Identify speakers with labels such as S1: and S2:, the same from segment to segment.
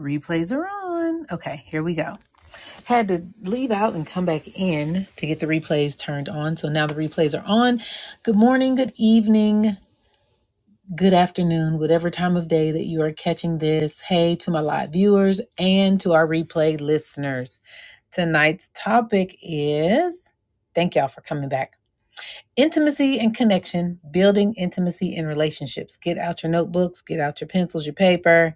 S1: Replays are on. Okay, here we go. Had to leave out and come back in to get the replays turned on. So now the replays are on. Good morning, good evening, good afternoon, whatever time of day that you are catching this. Hey to my live viewers and to our replay listeners. Tonight's topic is thank y'all for coming back. Intimacy and connection, building intimacy in relationships. Get out your notebooks, get out your pencils, your paper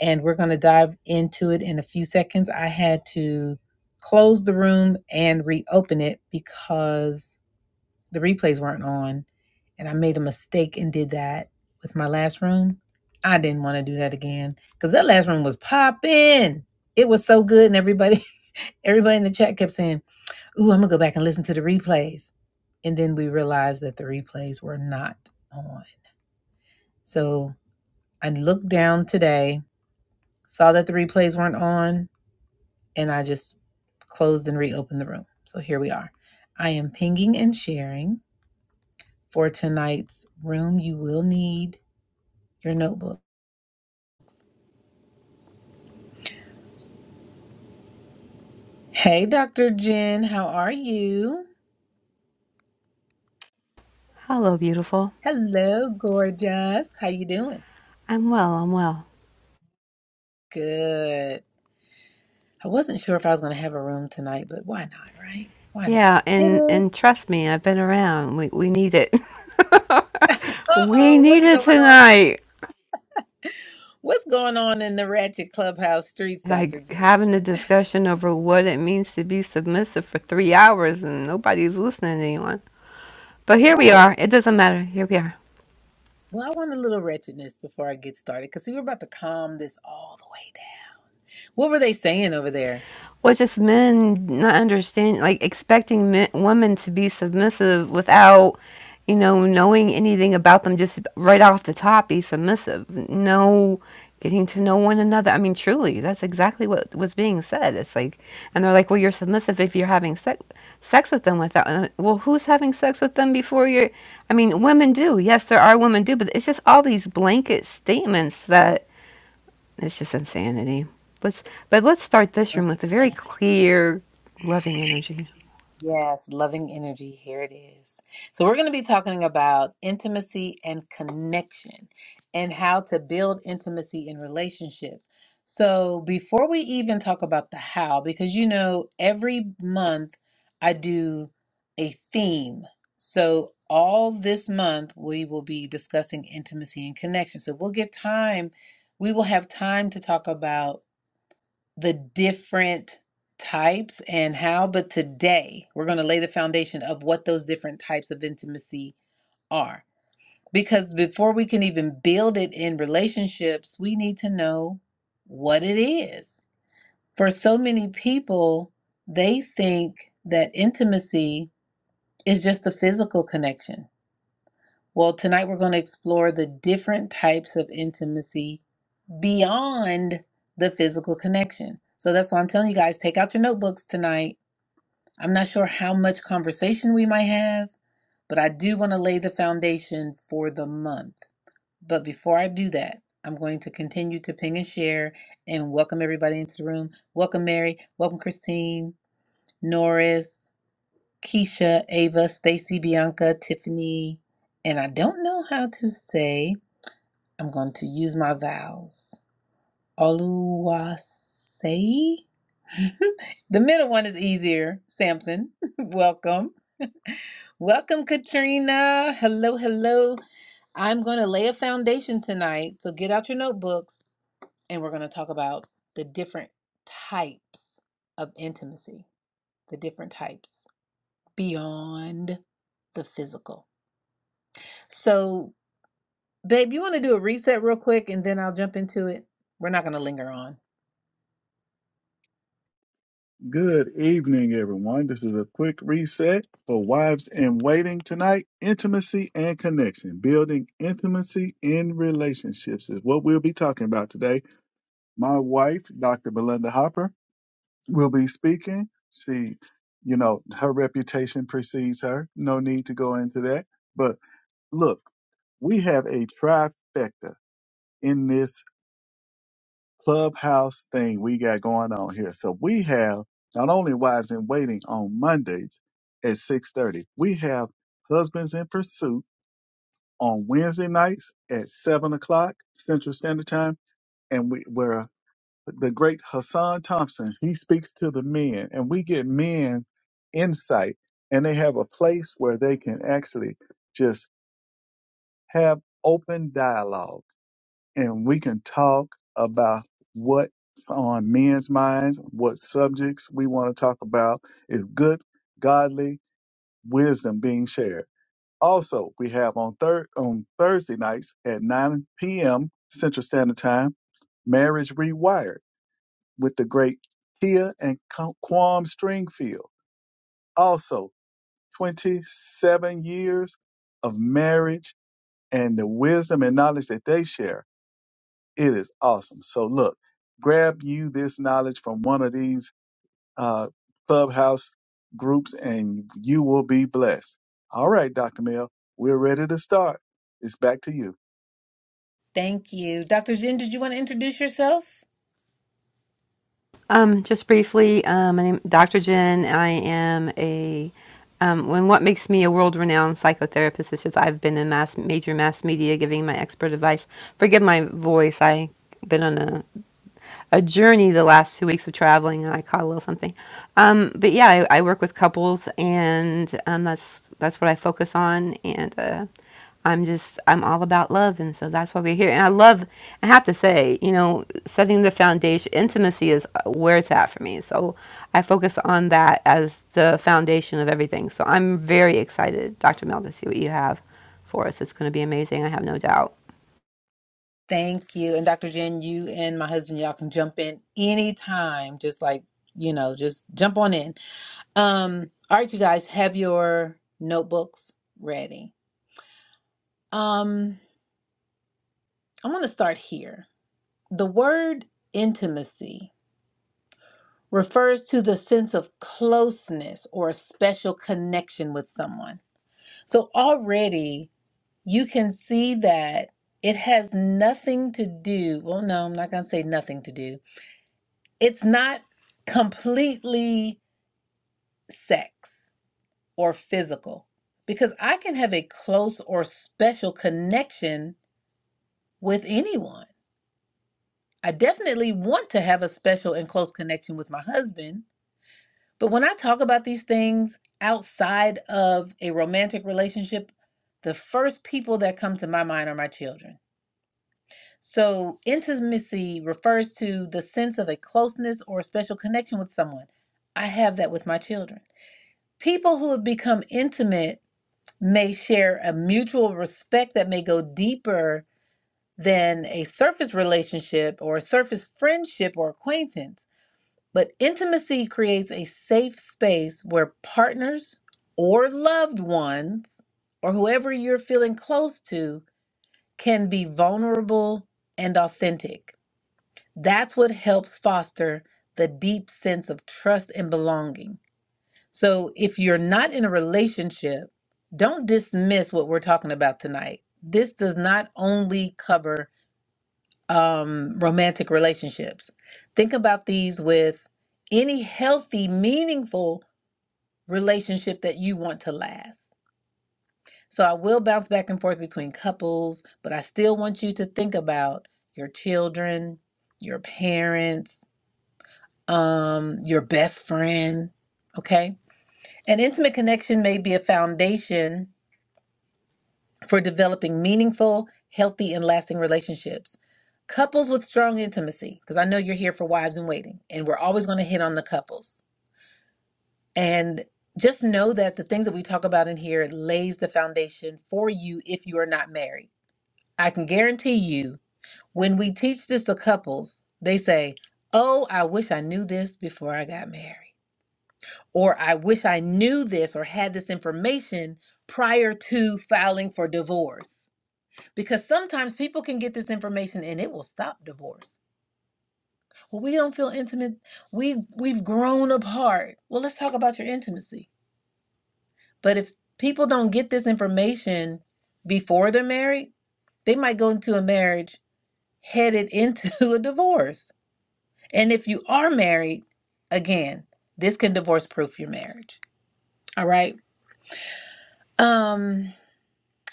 S1: and we're going to dive into it in a few seconds. I had to close the room and reopen it because the replays weren't on, and I made a mistake and did that with my last room. I didn't want to do that again because that last room was popping. It was so good, and everybody, everybody in the chat kept saying, "Ooh, I'm gonna go back and listen to the replays." And then we realized that the replays were not on. So I looked down today, saw that the replays weren't on, and I just closed and reopened the room. So here we are. I am pinging and sharing for tonight's room. You will need your notebook. Hey, Dr. Jen, how are you?
S2: Hello, beautiful.
S1: Hello, gorgeous. How you doing?
S2: I'm well. I'm well.
S1: Good. I wasn't sure if I was going to have a room tonight, but why not, right? Why not?
S2: Yeah,
S1: Hey,
S2: and
S1: babe.
S2: and trust me, I've been around. We we need it. we
S1: Uh-oh,
S2: need
S1: what's
S2: it
S1: going on?
S2: tonight.
S1: What's going on in the Ratchet Clubhouse streets, Dr.
S2: Like
S1: Jen?
S2: having a discussion over what it means to be submissive for three hours and nobody's listening to anyone. But here
S1: What?
S2: we are. It doesn't matter. Here we are.
S1: Well, I want a little wretchedness before I get started because we were about to calm this all the way down. What were they saying over there?
S2: Well, just men not understanding, like expecting men, women to be submissive without, you know, knowing anything about them. Just right off the top, be submissive. No, getting to know one another. I mean, truly, that's exactly what was being said. It's like, and they're like, well, you're submissive if you're having sex sex with them without. and Well, who's having sex with them before you're? I mean, women do. Yes, there are women do, but it's just all these blanket statements that it's just insanity. Let's but let's start this room with a very clear, loving energy.
S1: Yes, loving energy. Here it is. So, we're going to be talking about intimacy and connection and how to build intimacy in relationships. So, before we even talk about the how, because you know, every month I do a theme. So, all this month we will be discussing intimacy and connection. So, we'll get time, we will have time to talk about the different types and how, but today we're going to lay the foundation of what those different types of intimacy are. Because before we can even build it in relationships, we need to know what it is. For so many people, they think that intimacy is just the physical connection. Well, tonight we're going to explore the different types of intimacy beyond the physical connection. So that's why I'm telling you guys take out your notebooks tonight I'm not sure how much conversation we might have, but I do want to lay the foundation for the month. But before I do that, I'm going to continue to ping and share and welcome everybody into the room. Welcome, Mary. Welcome, Christine, Norris, Keisha, Ava, Stacy, Bianca, Tiffany. And I don't know how to say, I'm going to use my vowels. Oluwase. the middle one is easier. Samson, welcome. Welcome, Katrina. Hello, hello. I'm going to lay a foundation tonight. So get out your notebooks and we're going to talk about the different types of intimacy, the different types beyond the physical. So, babe, you want to do a reset real quick and then I'll jump into it? We're not going to linger on.
S3: Good evening, everyone. This is a quick reset for wives in waiting tonight. Intimacy and connection. Building intimacy in relationships is what we'll be talking about today. My wife, Dr. Belinda Hopper, will be speaking. She, you know, her reputation precedes her. No need to go into that. But look, we have a trifecta in this clubhouse thing we got going on here. So we have not only wives in waiting on Mondays at six thirty, we have husbands in pursuit on Wednesday nights at seven o'clock Central Standard Time, and we where the great Hassan Thompson he speaks to the men, and we get men insight, and they have a place where they can actually just have open dialogue and we can talk about what's on men's minds, what subjects we want to talk about is good, godly wisdom being shared. Also, we have on third on Thursday nights at 9 p.m. Central Standard Time, Marriage Rewired with the great Kia and Qu- Quam Stringfield. Also, 27 years of marriage and the wisdom and knowledge that they share It is awesome. So look, grab you this knowledge from one of these uh, clubhouse groups and you will be blessed. All right, Dr. Mill, we're ready to start. It's back to you.
S1: Thank you. Dr. Jen, did you want to introduce yourself?
S2: Um, just briefly, um, my name Dr. Jen. I am a um, when what makes me a world-renowned psychotherapist is just I've been in mass major mass media giving my expert advice. Forgive my voice. I've been on a a journey the last two weeks of traveling, and I caught a little something. Um, but yeah, I, I work with couples, and um, that's that's what I focus on, and uh, I'm just I'm all about love, and so that's why we're here. And I love, I have to say, you know, setting the foundation, intimacy is uh, where it's at for me. So I focus on that as the foundation of everything. So I'm very excited, Dr. Mel, to see what you have for us. It's going to be amazing. I have no doubt.
S1: Thank you. And Dr. Jen, you and my husband, y'all can jump in anytime. Just like, you know, just jump on in. Um, all right, you guys, have your notebooks ready. Um, I want to start here. The word intimacy refers to the sense of closeness or a special connection with someone. So already you can see that it has nothing to do. Well, no, I'm not going to say nothing to do. It's not completely sex or physical because I can have a close or special connection with anyone. I definitely want to have a special and close connection with my husband. But when I talk about these things outside of a romantic relationship, the first people that come to my mind are my children So, intimacy refers to the sense of a closeness or special connection with someone. I have that with my children. People who have become intimate may share a mutual respect that may go deeper than a surface relationship or a surface friendship or acquaintance. But intimacy creates a safe space where partners or loved ones or whoever you're feeling close to can be vulnerable and authentic. That's what helps foster the deep sense of trust and belonging. So, if you're not in a relationship, don't dismiss what we're talking about tonight. This does not only cover um, romantic relationships. Think about these with any healthy, meaningful relationship that you want to last. So, I will bounce back and forth between couples, but I still want you to think about your children, your parents, um, your best friend. Okay. An intimate connection may be a foundation for developing meaningful, healthy, and lasting relationships. Couples with strong intimacy, because I know you're here for wives in waiting, and we're always going to hit on the couples. And just know that the things that we talk about in here lays the foundation for you if you are not married. I can guarantee you, when we teach this to couples, they say, Oh, I wish I knew this before I got married or I wish I knew this or had this information prior to filing for divorce. Because sometimes people can get this information and it will stop divorce. Well, we don't feel intimate. We we've grown apart. Well, let's talk about your intimacy. But if people don't get this information before they're married, they might go into a marriage headed into a divorce. And if you are married, again, this can divorce proof your marriage. All right. Um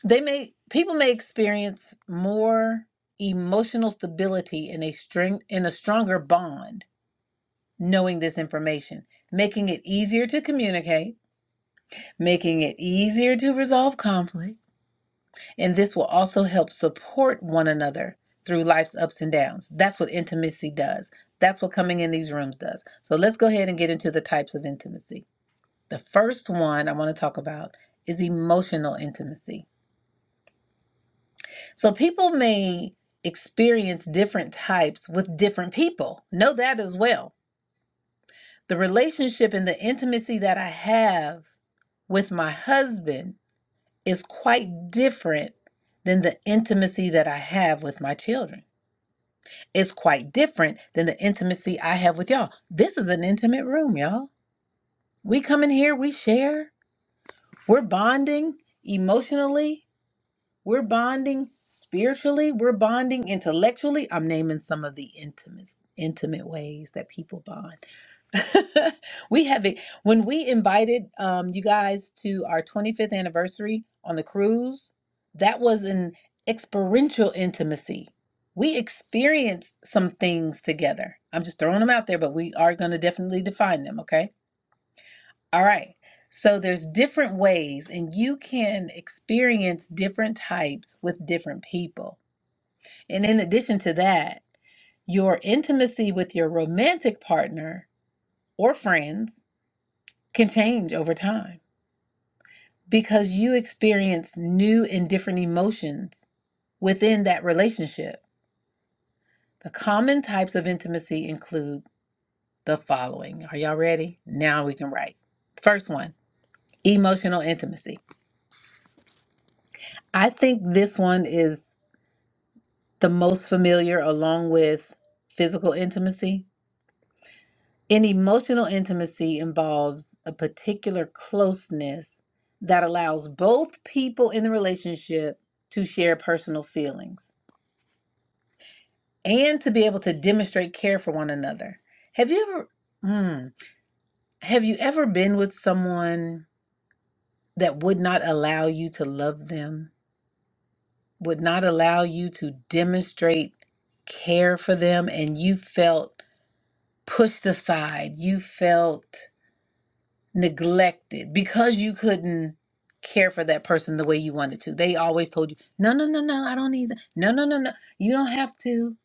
S1: They may people may experience more emotional stability in a string in a stronger bond knowing this information, making it easier to communicate, making it easier to resolve conflict, and this will also help support one another through life's ups and downs. That's what intimacy does. That's what coming in these rooms does. So let's go ahead and get into the types of intimacy. The first one I want to talk about is emotional intimacy. So people may experience different types with different people. Know that as well. The relationship and the intimacy that I have with my husband is quite different than the intimacy that I have with my children. It's quite different than the intimacy I have with y'all. This is an intimate room, y'all. We come in here, we share, we're bonding emotionally, We're bonding spiritually, we're bonding intellectually. I'm naming some of the intimate intimate ways that people bond. we have it when we invited um you guys to our 25th anniversary on the cruise that was an experiential intimacy we experienced some things together i'm just throwing them out there but we are going to definitely define them okay all right. So there's different ways and you can experience different types with different people. And in addition to that, your intimacy with your romantic partner or friends can change over time because you experience new and different emotions within that relationship. The common types of intimacy include the following. Are y'all ready? Now we can write. First one, emotional intimacy. I think this one is the most familiar along with physical intimacy. An emotional intimacy involves a particular closeness that allows both people in the relationship to share personal feelings and to be able to demonstrate care for one another. Have you ever mm, have you ever been with someone that would not allow you to love them, would not allow you to demonstrate care for them and you felt pushed aside, you felt neglected because you couldn't care for that person the way you wanted to. They always told you, no, no, no, no, I don't need that. No, no, no, no. You don't have to.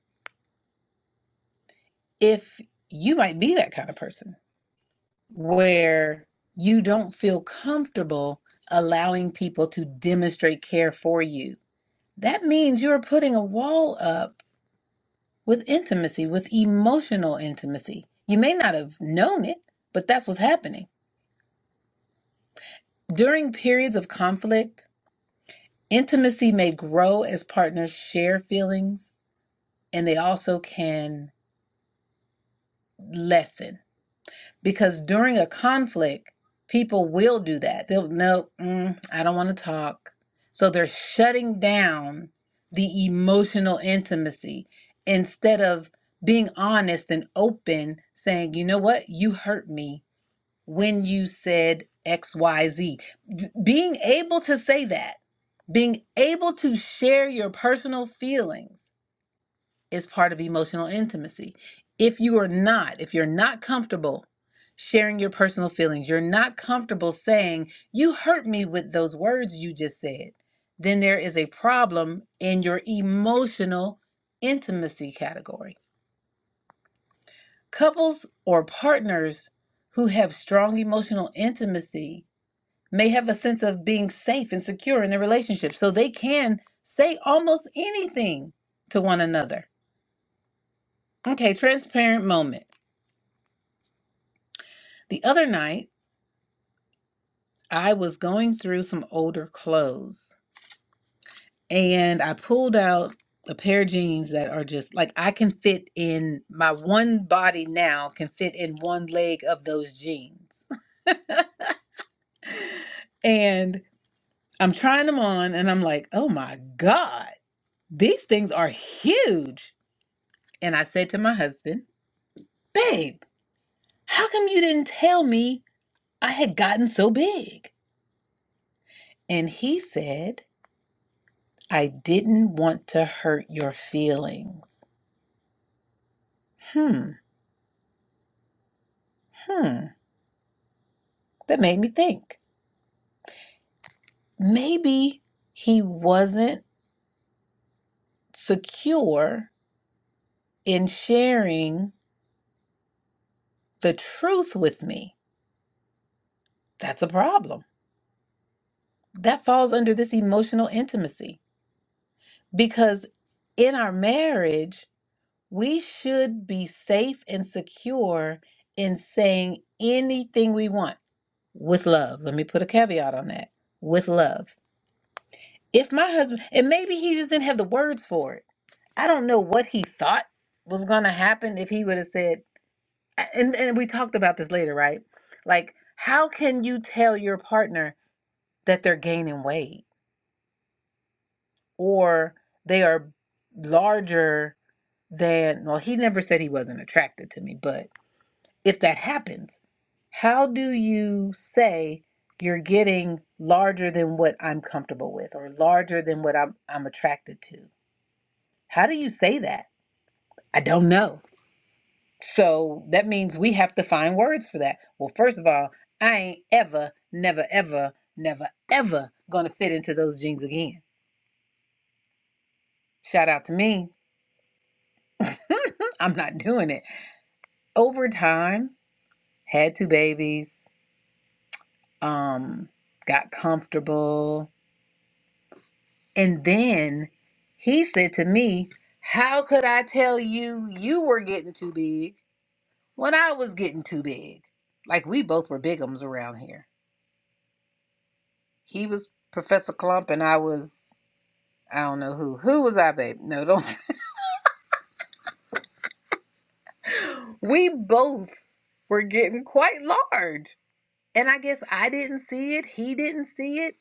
S1: If you might be that kind of person where you don't feel comfortable allowing people to demonstrate care for you, that means you're putting a wall up with intimacy, with emotional intimacy. You may not have known it, but that's what's happening During periods of conflict, intimacy may grow as partners share feelings and they also can lessen because during a conflict, people will do that. They'll, no, mm, I don't want to talk. So they're shutting down the emotional intimacy instead of being honest and open, saying, you know what, you hurt me. when you said XYZ. Being able to say that, being able to share your personal feelings is part of emotional intimacy. If you are not, if you're not comfortable sharing your personal feelings, you're not comfortable saying, You hurt me with those words you just said, then there is a problem in your emotional intimacy category. Couples or partners who have strong emotional intimacy may have a sense of being safe and secure in the relationship. So they can say almost anything to one another. Okay, transparent moment. The other night, I was going through some older clothes and I pulled out a pair of jeans that are just like I can fit in my one body now, can fit in one leg of those jeans. And I'm trying them on and I'm like, oh my God, these things are huge. And I said to my husband, Babe, how come you didn't tell me I had gotten so big? And he said, I didn't want to hurt your feelings. Hmm, hmm. That made me think. Maybe he wasn't secure in sharing the truth with me. That's a problem. That falls under this emotional intimacy because in our marriage, We should be safe and secure in saying anything we want with love. Let me put a caveat on that with love. If my husband, and maybe he just didn't have the words for it. I don't know what he thought was going to happen if he would have said, and, and we talked about this later, right? Like, how can you tell your partner that they're gaining weight or they are larger than, well, he never said he wasn't attracted to me, but if that happens, how do you say you're getting larger than what I'm comfortable with or larger than what I'm I'm attracted to? How do you say that? I don't know. So that means we have to find words for that. Well, first of all, I ain't ever, never, ever, never, ever gonna fit into those jeans again. Shout out to me. I'm not doing it. Over time, had two babies, um, got comfortable, And then he said to me, How could I tell you you were getting too big when I was getting too big? Like we both were bigums around here. He was Professor Clump and I was I don't know who. Who was I, babe? No, don't we both were getting quite large. And I guess I didn't see it. He didn't see it.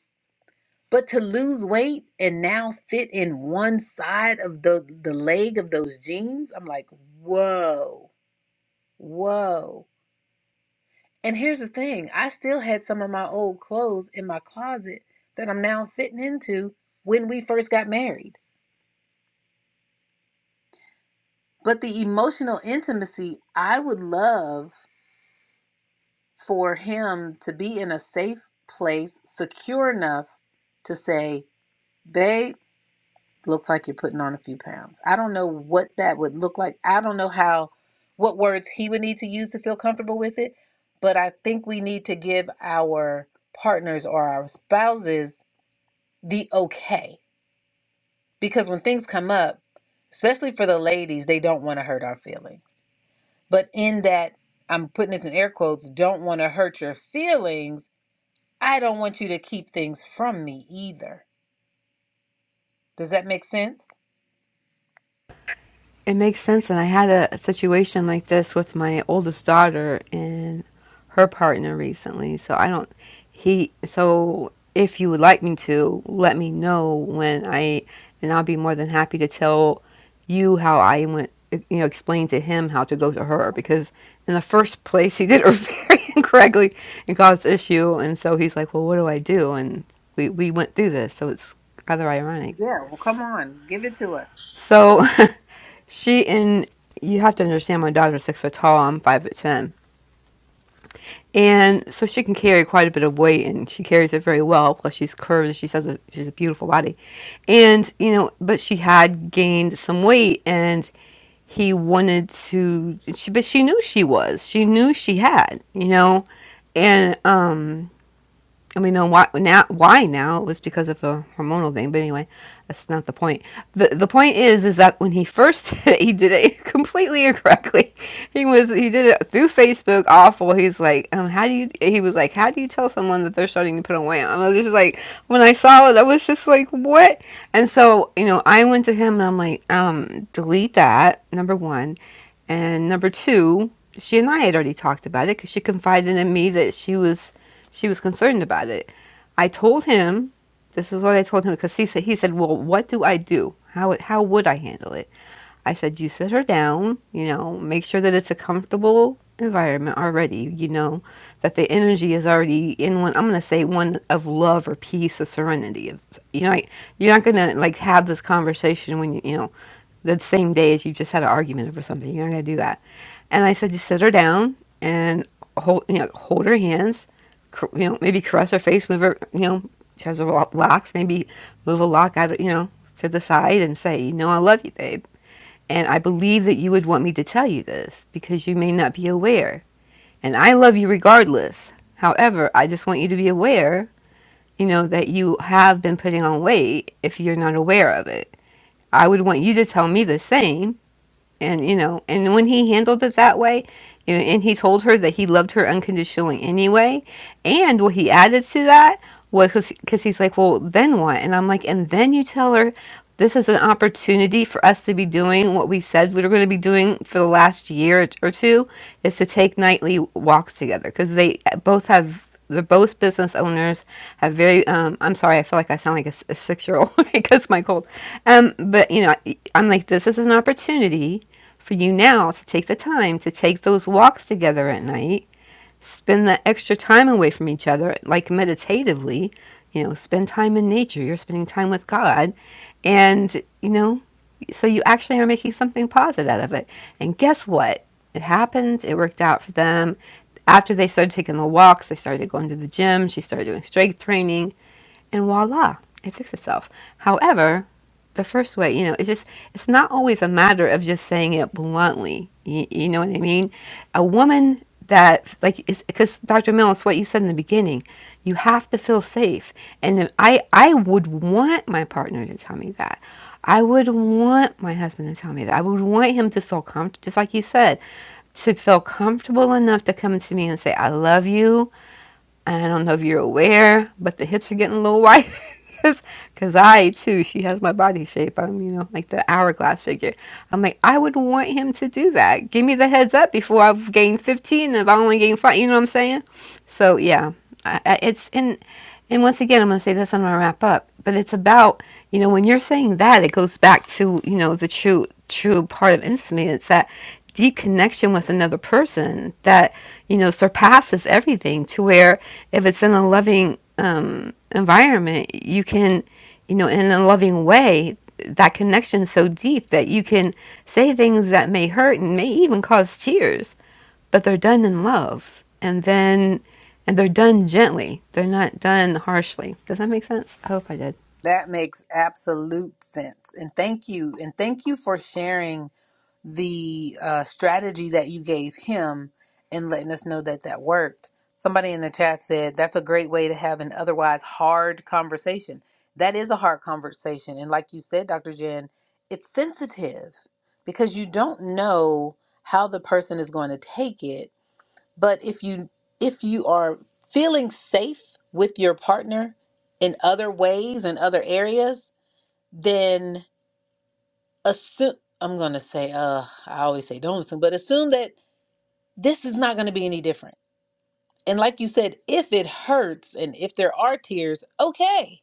S1: But to lose weight and now fit in one side of the the leg of those jeans, I'm like, whoa, whoa And here's the thing I still had some of my old clothes in my closet that I'm now fitting into when we first got married. But the emotional intimacy, I would love for him to be in a safe place, secure enough to say, Babe, looks like you're putting on a few pounds. I don't know what that would look like. I don't know how, what words he would need to use to feel comfortable with it. But I think we need to give our partners or our spouses the okay. Because when things come up, especially for the ladies, they don't want to hurt our feelings. But in that, I'm putting this in air quotes, don't want to hurt your feelings, I don't want you to keep things from me either. Does that make sense?
S2: It makes sense. And I had a, a situation like this with my oldest daughter and her partner recently. So I don't, he, so if you would like me to, let me know when I, and I'll be more than happy to tell you how I went, you know, explain to him how to go to her because in the first place he did it very incorrectly and caused issue. And so he's like, well, what do I do? And we, we went through this. So it's rather ironic.
S1: Yeah, well, come on, give it to us.
S2: So She and you have to understand my daughter's six foot tall. I'm five foot ten, and so she can carry quite a bit of weight, and she carries it very well. Plus, she's curved, and she says she's a beautiful body. And you know, but she had gained some weight, and he wanted to. She, but she knew she was. She knew she had. You know, and um, and we know why now why now it was because of a hormonal thing but anyway that's not the point the the point is is that when he first did it, he did it completely incorrectly he was he did it through facebook awful he's like um how do you he was like how do you tell someone that they're starting to put on weight i was just like when i saw it i was just like what and so you know i went to him and i'm like um delete that number one and number two, she and I had already talked about it because she confided in me that she was she was concerned about it. I told him, this is what I told him because he said he said, "Well, what do I do? How how would I handle it?" I said, "You sit her down. You know, make sure that it's a comfortable environment already. You know, that the energy is already in one. I'm gonna say one of love or peace or serenity. you know, like, you're not gonna like have this conversation when you you know the same day as you just had an argument over something. You're not gonna do that." And I said, just sit her down and hold, you know, hold her hands, you know, maybe caress her face, move her, you know, she has her lo- locks, maybe move a lock out, of, you know, to the side and say, you know, I love you, babe. And I believe that you would want me to tell you this because you may not be aware. And I love you regardless. However, I just want you to be aware, you know, that you have been putting on weight if you're not aware of it. I would want you to tell me the same and you know and when he handled it that way you know, and he told her that he loved her unconditionally anyway and what he added to that was because he's like well then what and i'm like and then you tell her this is an opportunity for us to be doing what we said we were going to be doing for the last year or two is to take nightly walks together because they both have they're both business owners have very um, i'm sorry i feel like i sound like a, six year old because of my cold um, but you know i'm like this is an opportunity for you now to take the time to take those walks together at night, spend that extra time away from each other, like meditatively, you know, spend time in nature. You're spending time with God. And, you know, so you actually are making something positive out of it. And guess what? It happened. It worked out for them. After they started taking the walks, they started going to the gym. She started doing strength training and voila, it fixed itself. However, the first way, you know, it's just, it's not always a matter of just saying it bluntly. You, you know what I mean? A woman that, like, because Dr. Mill, it's what you said in the beginning. You have to feel safe. And I, I would want my partner to tell me that. I would want my husband to tell me that. I would want him to feel comfortable, just like you said, to feel comfortable enough to come to me and say, I love you. And I don't know if you're aware, but the hips are getting a little wide. Cause, Cause I too, she has my body shape. I'm, you know, like the hourglass figure. I'm like, I would want him to do that. Give me the heads up before I've gained 15 if I only gain five, you know what I'm saying? So yeah, I, I, it's and and once again, I'm gonna say this. I'm gonna wrap up. But it's about, you know, when you're saying that, it goes back to, you know, the true true part of intimacy. It's that deep connection with another person that you know surpasses everything to where if it's in a loving um, environment, you can, you know, in a loving way, that connection is so deep that you can say things that may hurt and may even cause tears, but they're done in love. And then, and they're done gently. They're not done harshly. Does that make sense? I hope I did.
S1: That makes absolute sense. And thank you. And thank you for sharing the uh, strategy that you gave him and letting us know that that worked. Somebody in the chat said that's a great way to have an otherwise hard conversation. That is a hard conversation. And like you said, Dr. Jen, it's sensitive because you don't know how the person is going to take it. But if you if you are feeling safe with your partner in other ways and other areas, then assume I'm gonna say, uh, I always say don't assume, but assume that this is not gonna be any different. And like you said, if it hurts and if there are tears, okay,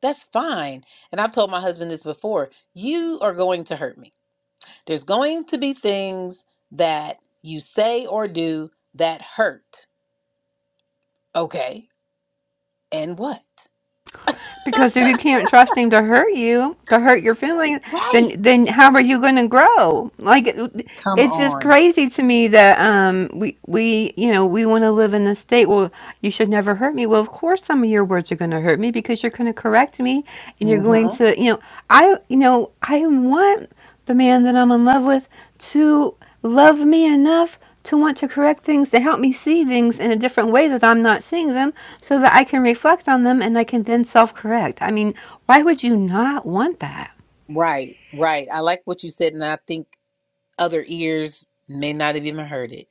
S1: that's fine. And I've told my husband this before, you are going to hurt me. There's going to be things that you say or do that hurt. Okay. And what?
S2: Because if you can't trust him to hurt you, to hurt your feelings, then
S1: Right.
S2: then how are you going to grow? Like it-
S1: Come
S2: it's just
S1: on.
S2: crazy to me that um we we you know we want to live in this state. Well, you should never hurt me. Well, of course some of your words are going to hurt me because you're going to correct me and you're going
S1: hmm
S2: to you know I you know I want the man that I'm in love with to love me enough to want to correct things, to help me see things in a different way that I'm not seeing them, so that I can reflect on them and I can then self correct. I mean, why would you not want that?
S1: Right, right. I like what you said, and I think other ears may not have even heard it.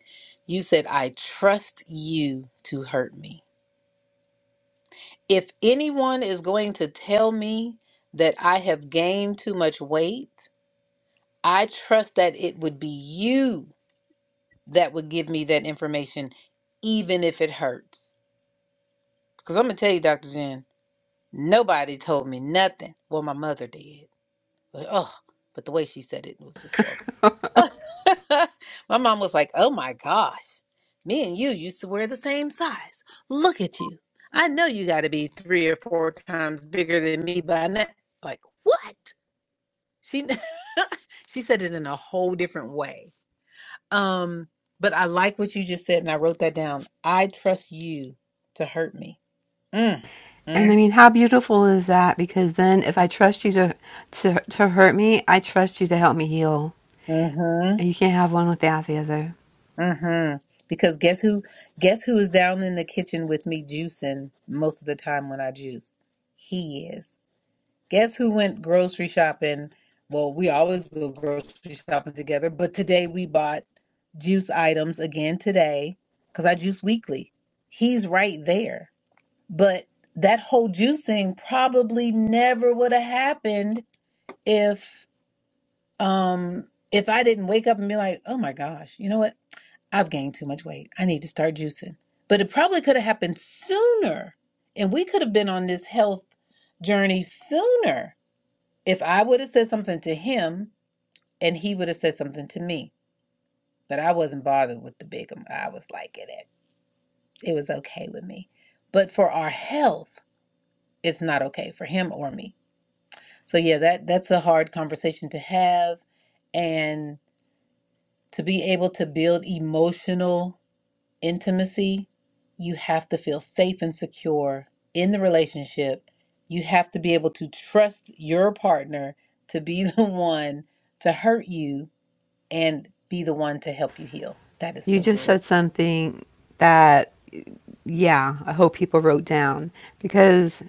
S1: You said, I trust you to hurt me. If anyone is going to tell me that I have gained too much weight, I trust that it would be you that would give me that information, even if it hurts. Because I'm going to tell you, Dr. Jen, nobody told me nothing. Well, my mother did. But, oh, but the way she said it was just horrible. My mom was like, "Oh my gosh, me and you used to wear the same size. Look at you. I know you got to be three or four times bigger than me by now." Like what? She she said it in a whole different way. Um, but I like what you just said, and I wrote that down. I trust you to hurt me. Mm,
S2: And I
S1: mm,
S2: mean, how beautiful is that? Because then if I trust you to, to, to hurt me, I trust you to help me heal.
S1: mm-hmm.
S2: And you can't have one without the other.
S1: Mm-hmm. Because guess who? Guess who is down in the kitchen with me juicing most of the time when I juice? He is. Guess who went grocery shopping? Well, we always go grocery shopping together, but today we bought juice items again today because I juice weekly. He's right there. But that whole juicing probably never would have happened if um if I didn't wake up and be like, "Oh my gosh, you know what? I've gained too much weight. I need to start juicing." But it probably could have happened sooner, and we could have been on this health journey sooner if I would have said something to him and he would have said something to me, but I wasn't bothered with the big, I was like it it was okay with me. But for our health, it's not okay for him or me. So yeah, that that's a hard conversation to have and to be able to build emotional intimacy, you have to feel safe and secure in the relationship. You have to be able to trust your partner to be the one to hurt you and be the one to help you heal. That is
S2: You
S1: so
S2: just
S1: good.
S2: said something that, yeah, I hope people wrote down because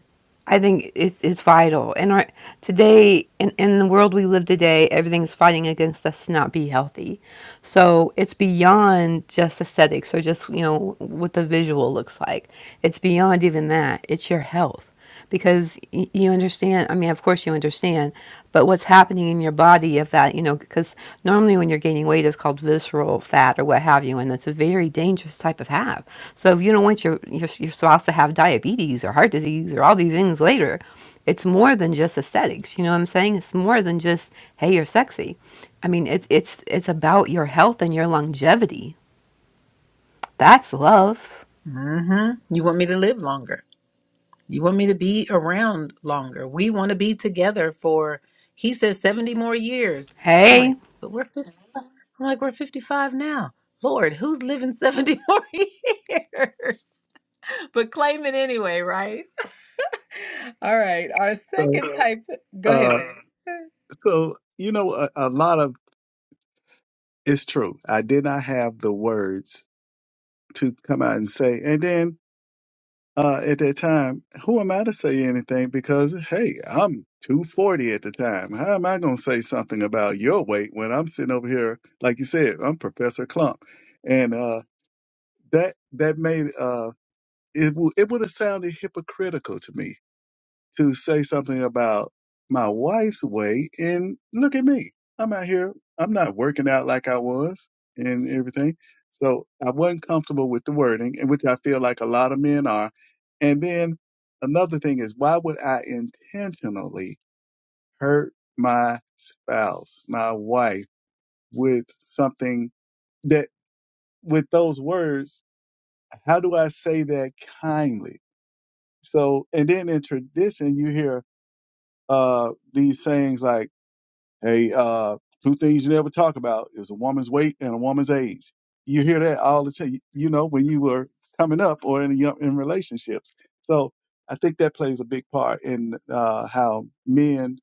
S2: I think it's, it's vital. And our, today, in, in the world we live today, everything's fighting against us to not be healthy. So it's beyond just aesthetics or just, you know, what the visual looks like. It's beyond even that. It's your health because y- you understand i mean of course you understand but what's happening in your body if that you know because normally when you're gaining weight it's called visceral fat or what have you and it's a very dangerous type of have so if you don't want your your, your spouse to have diabetes or heart disease or all these things later it's more than just aesthetics you know what i'm saying it's more than just hey you're sexy i mean it's it's it's about your health and your longevity that's love
S1: hmm You want me to live longer. You want me to be around longer. We want to be together for, he says, 70 more years. I'm
S2: hey
S1: like, but we're 50, I'm like, we're 55 now. Lord, who's living 70 more years? But claim it anyway, right? All right, our
S3: So,
S1: second type. Go ahead,
S3: uh,
S1: man.
S3: so you know, a, a lot of it's true. I did not have the words to come out and say, and then uh, at that time, who am I to say anything? Because hey, I'm 240 at the time. How am I going to say something about your weight when I'm sitting over here, like you said, I'm Professor Clump, and uh, that that made uh, it w- it would have sounded hypocritical to me to say something about my wife's weight and look at me. I'm out here. I'm not working out like I was and everything. So I wasn't comfortable with the wording, and which I feel like a lot of men are. And then another thing is why would I intentionally hurt my spouse, my wife with something that with those words, how do I say that kindly? So, and then in tradition, you hear, uh, these sayings like, Hey, uh, two things you never talk about is a woman's weight and a woman's age. You hear that all the time, you know, when you were coming up or in your- in relationships. So I think that plays a big part in uh, how men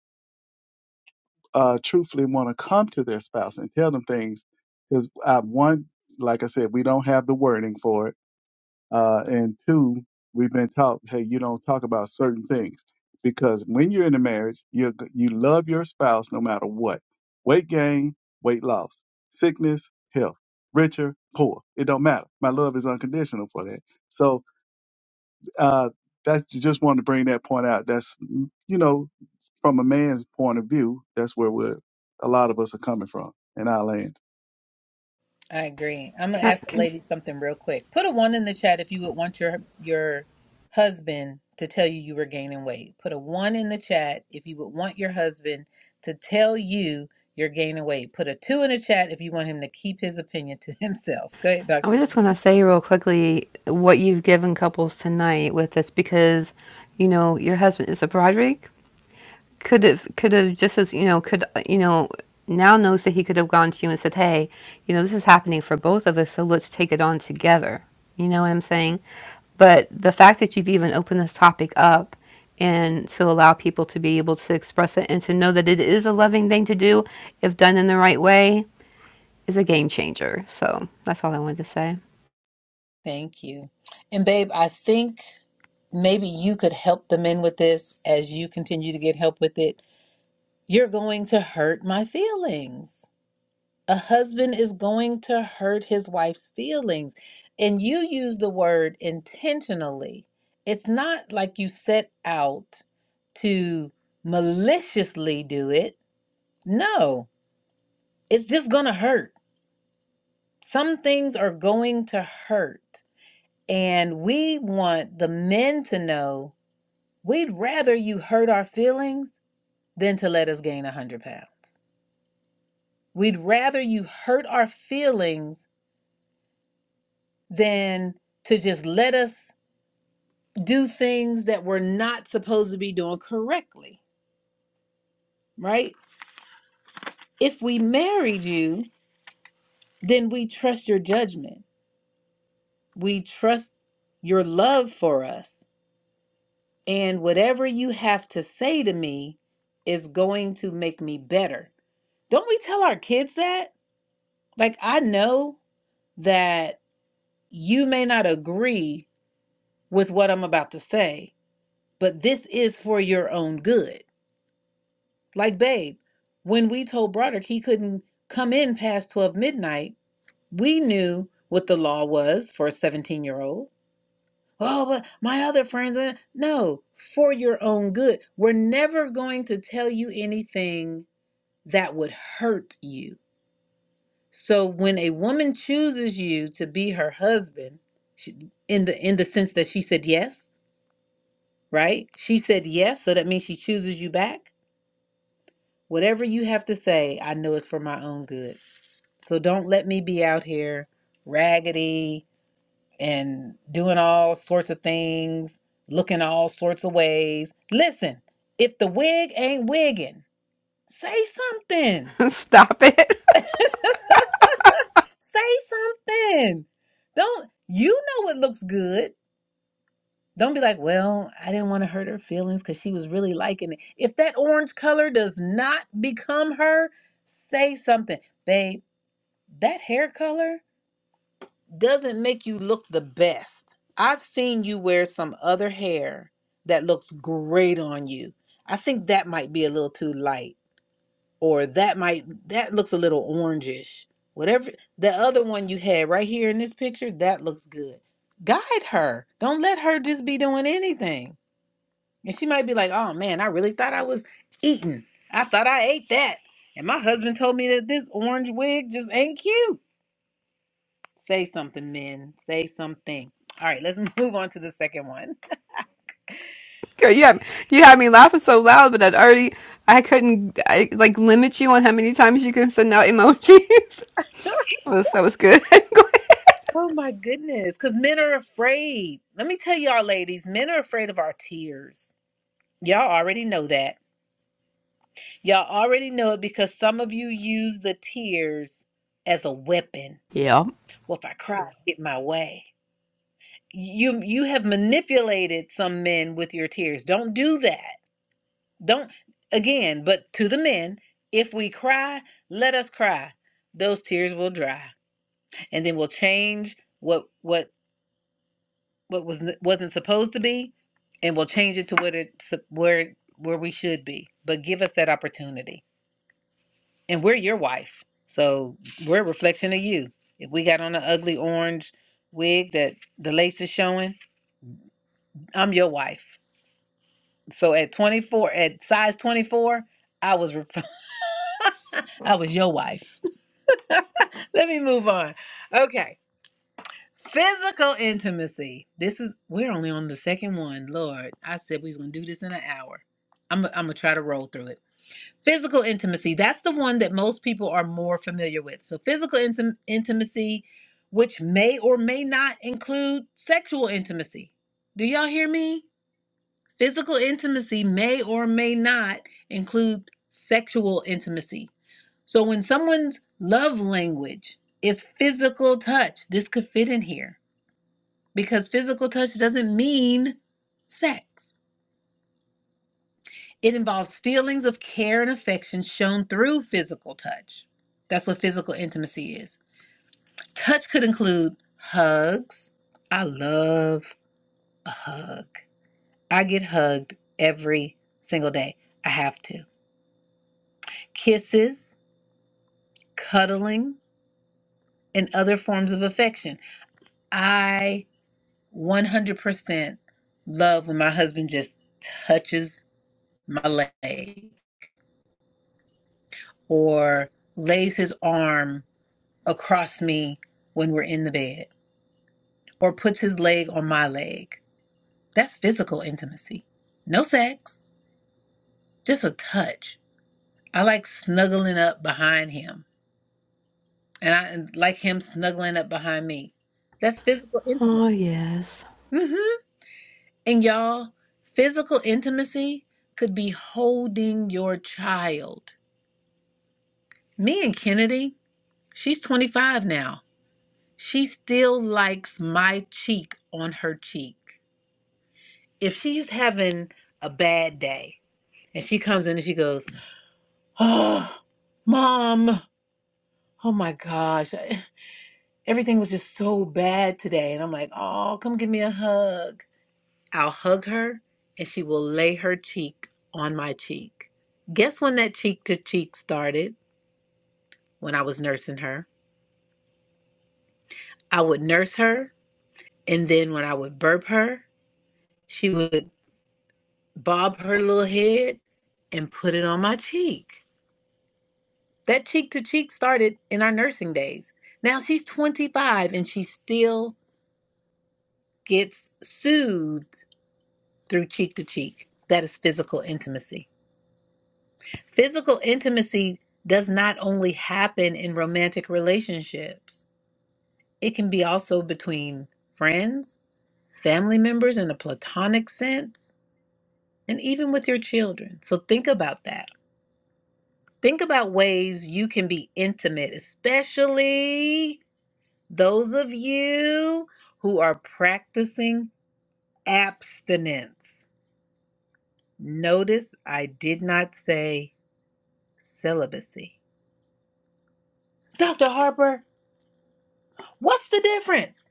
S3: uh, truthfully want to come to their spouse and tell them things. Because uh, one, like I said, we don't have the wording for it uh, and two, we've been taught, hey, you don't talk about certain things because when you're in a marriage, you you love your spouse no matter what. Weight gain, weight loss, sickness, health, richer, poor. It don't matter. My love is unconditional for that. So uh, that's just wanted to bring that point out. That's mm, you know from a man's point of view, that's where we're, a lot of us are coming from in our land.
S1: I agree. I'm gonna
S2: can.
S1: ask the
S2: can
S1: ladies something real quick. Put a one in the chat if you would want your your husband to tell you you were gaining weight. Put a one in the chat if you would want your husband to tell you you're gaining weight. Put a two in the chat if you want him to keep his opinion to himself. Go ahead,
S2: I
S1: Dr.
S2: was just going to
S1: Jen.
S2: say real quickly what you've given couples tonight with this because, you know, your husband is a Broderick. Could have, could have just as, you know, could, you know, now knows that he could have gone to you and said, hey, you know, this is happening for both of us, so let's take it on together. You know what I'm saying? But the fact that you've even opened this topic up and to allow people to be able to express it and to know that it is a loving thing to do if done in the right way is a game changer. So that's all I wanted to say.
S1: Thank you. And babe, I think maybe you could help the men with this as you continue to get help with it. You're going to hurt my feelings. a husband is going to hurt his wife's feelings. And you use the word intentionally. It's not like you set out to maliciously do it. No, it's just going to hurt. Some things are going to hurt. And we want the men to know we'd rather you hurt our feelings than to let us gain 100 pounds. We'd rather you hurt our feelings than to just let us do things that we're not supposed to be doing correctly, right? If we married you, then we trust your judgment. We trust your love for us. And whatever you have to say to me is going to make me better. Don't we tell our kids that? Like, I know that you may not agree with what I'm about to say, but this is for your own good. Like, babe, when we told Broderick he couldn't come in past 12 midnight, we knew what the law was for a 17 year old. Oh, but my other friends, uh, no, for your own good. We're never going to tell you anything that would hurt you. So when a woman chooses you to be her husband, she, in the in the sense that she said yes, right? She said yes, so that means she chooses you back. Whatever you have to say, I know it's for my own good. So don't let me be out here raggedy and doing all sorts of things, looking all sorts of ways. Listen, if the wig ain't wigging, say something.
S2: Stop it.
S1: say something. Don't you know it looks good? Don't be like, well, I didn't want to hurt her feelings because she was really liking it. If that orange color does not become her, say something. Babe, that hair color doesn't make you look the best. I've seen you wear some other hair that looks great on you. I think that might be a little too light, or that might that looks a little orangish. Whatever the other one you had right here in this picture, that looks good. Guide her. Don't let her just be doing anything. And she might be like, "Oh man, I really thought I was eating. I thought I ate that." And my husband told me that this orange wig just ain't cute. Say something, men. Say something. All right, let's move on to the second one.
S2: Girl, you had, you had me laughing so loud, but I'd already, I couldn't, I, like, limit you on how many times you can send out emojis. that, was, that was good.
S1: oh my goodness, because men are afraid. Let me tell y'all, ladies, men are afraid of our tears. Y'all already know that. Y'all already know it because some of you use the tears as a weapon.
S2: yeah.
S1: Well, if I cry, I get my way. You you have manipulated some men with your tears. Don't do that. Don't again, but to the men, if we cry, let us cry. Those tears will dry. and then we'll change what what what was n- wasn't supposed to be and we'll change it to what it sup- where where we should be but give us that opportunity and we're your wife so we're a reflection of you if we got on an ugly orange wig that the lace is showing i'm your wife so at 24 at size 24 i was ref- i was your wife let me move on okay Physical intimacy. This is we're only on the second one, Lord. I said we was gonna do this in an hour. I'm I'm gonna try to roll through it. Physical intimacy. That's the one that most people are more familiar with. So physical intim- intimacy, which may or may not include sexual intimacy. Do y'all hear me? Physical intimacy may or may not include sexual intimacy. So when someone's love language is physical touch, this could fit in here because physical touch doesn't mean sex. It involves feelings of care and affection shown through physical touch. That's what physical intimacy is. Touch could include hugs. I love a hug. I get hugged every single day. I have to. Kisses, cuddling, and other forms of affection. I 100% love when my husband just touches my leg. or lays his arm across me when we're in the bed or puts his leg on my leg. That's physical intimacy. No sex, just a touch. I like snuggling up behind him and I like him snuggling up behind me. That's physical
S2: Oh,
S1: intimacy.
S2: yes.
S1: hmm And y'all, physical intimacy could be holding your child. Me and Kennedy, she's 25 now. She still likes my cheek on her cheek. If she's having a bad day and she comes in and she goes, Oh, mom, oh my gosh, I- everything was just so bad today. And I'm like, Oh, come give me a hug. I'll hug her and she will lay her cheek on my cheek. Guess when that cheek to cheek started? When I was nursing her. I would nurse her, and then when I would burp her, she would bob her little head, and put it on my cheek. That cheek to cheek started in our nursing days. Now she's 25 and she still gets soothed through cheek to cheek. That is physical intimacy. Physical intimacy does not only happen in romantic relationships, it can be also between friends, family members in a platonic sense, and even with your children. So think about that. Think about ways you can be intimate, especially those of you who are practicing abstinence. Notice I did not say celibacy. Dr. Harper, what's the difference?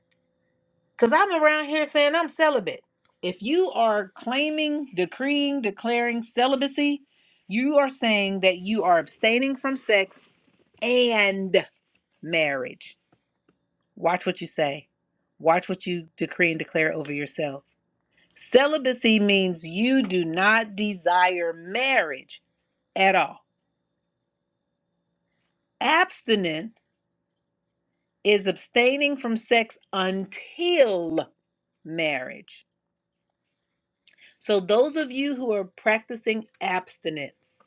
S1: Because I'm around here saying I'm celibate. If you are claiming, decreeing, declaring celibacy, you are saying that you are abstaining from sex and marriage. Watch what you say. Watch what you decree and declare over yourself. Celibacy means you do not desire marriage at all. Abstinence is abstaining from sex until marriage. So, those of you who are practicing abstinence,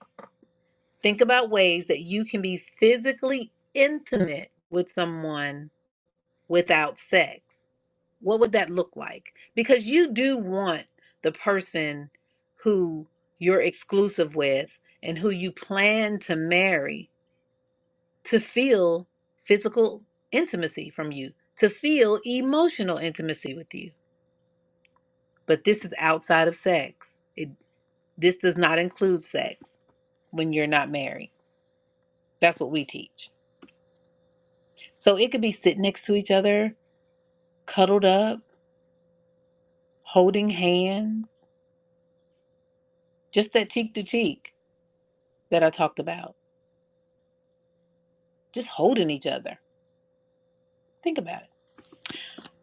S1: think about ways that you can be physically intimate with someone without sex, what would that look like? Because you do want the person who you're exclusive with and who you plan to marry to feel physical intimacy from you, to feel emotional intimacy with you. But this is outside of sex. It, this does not include sex when you're not married. That's what we teach. So it could be sitting next to each other, cuddled up, holding hands, just that cheek to cheek that I talked about. Just holding each other. Think about it.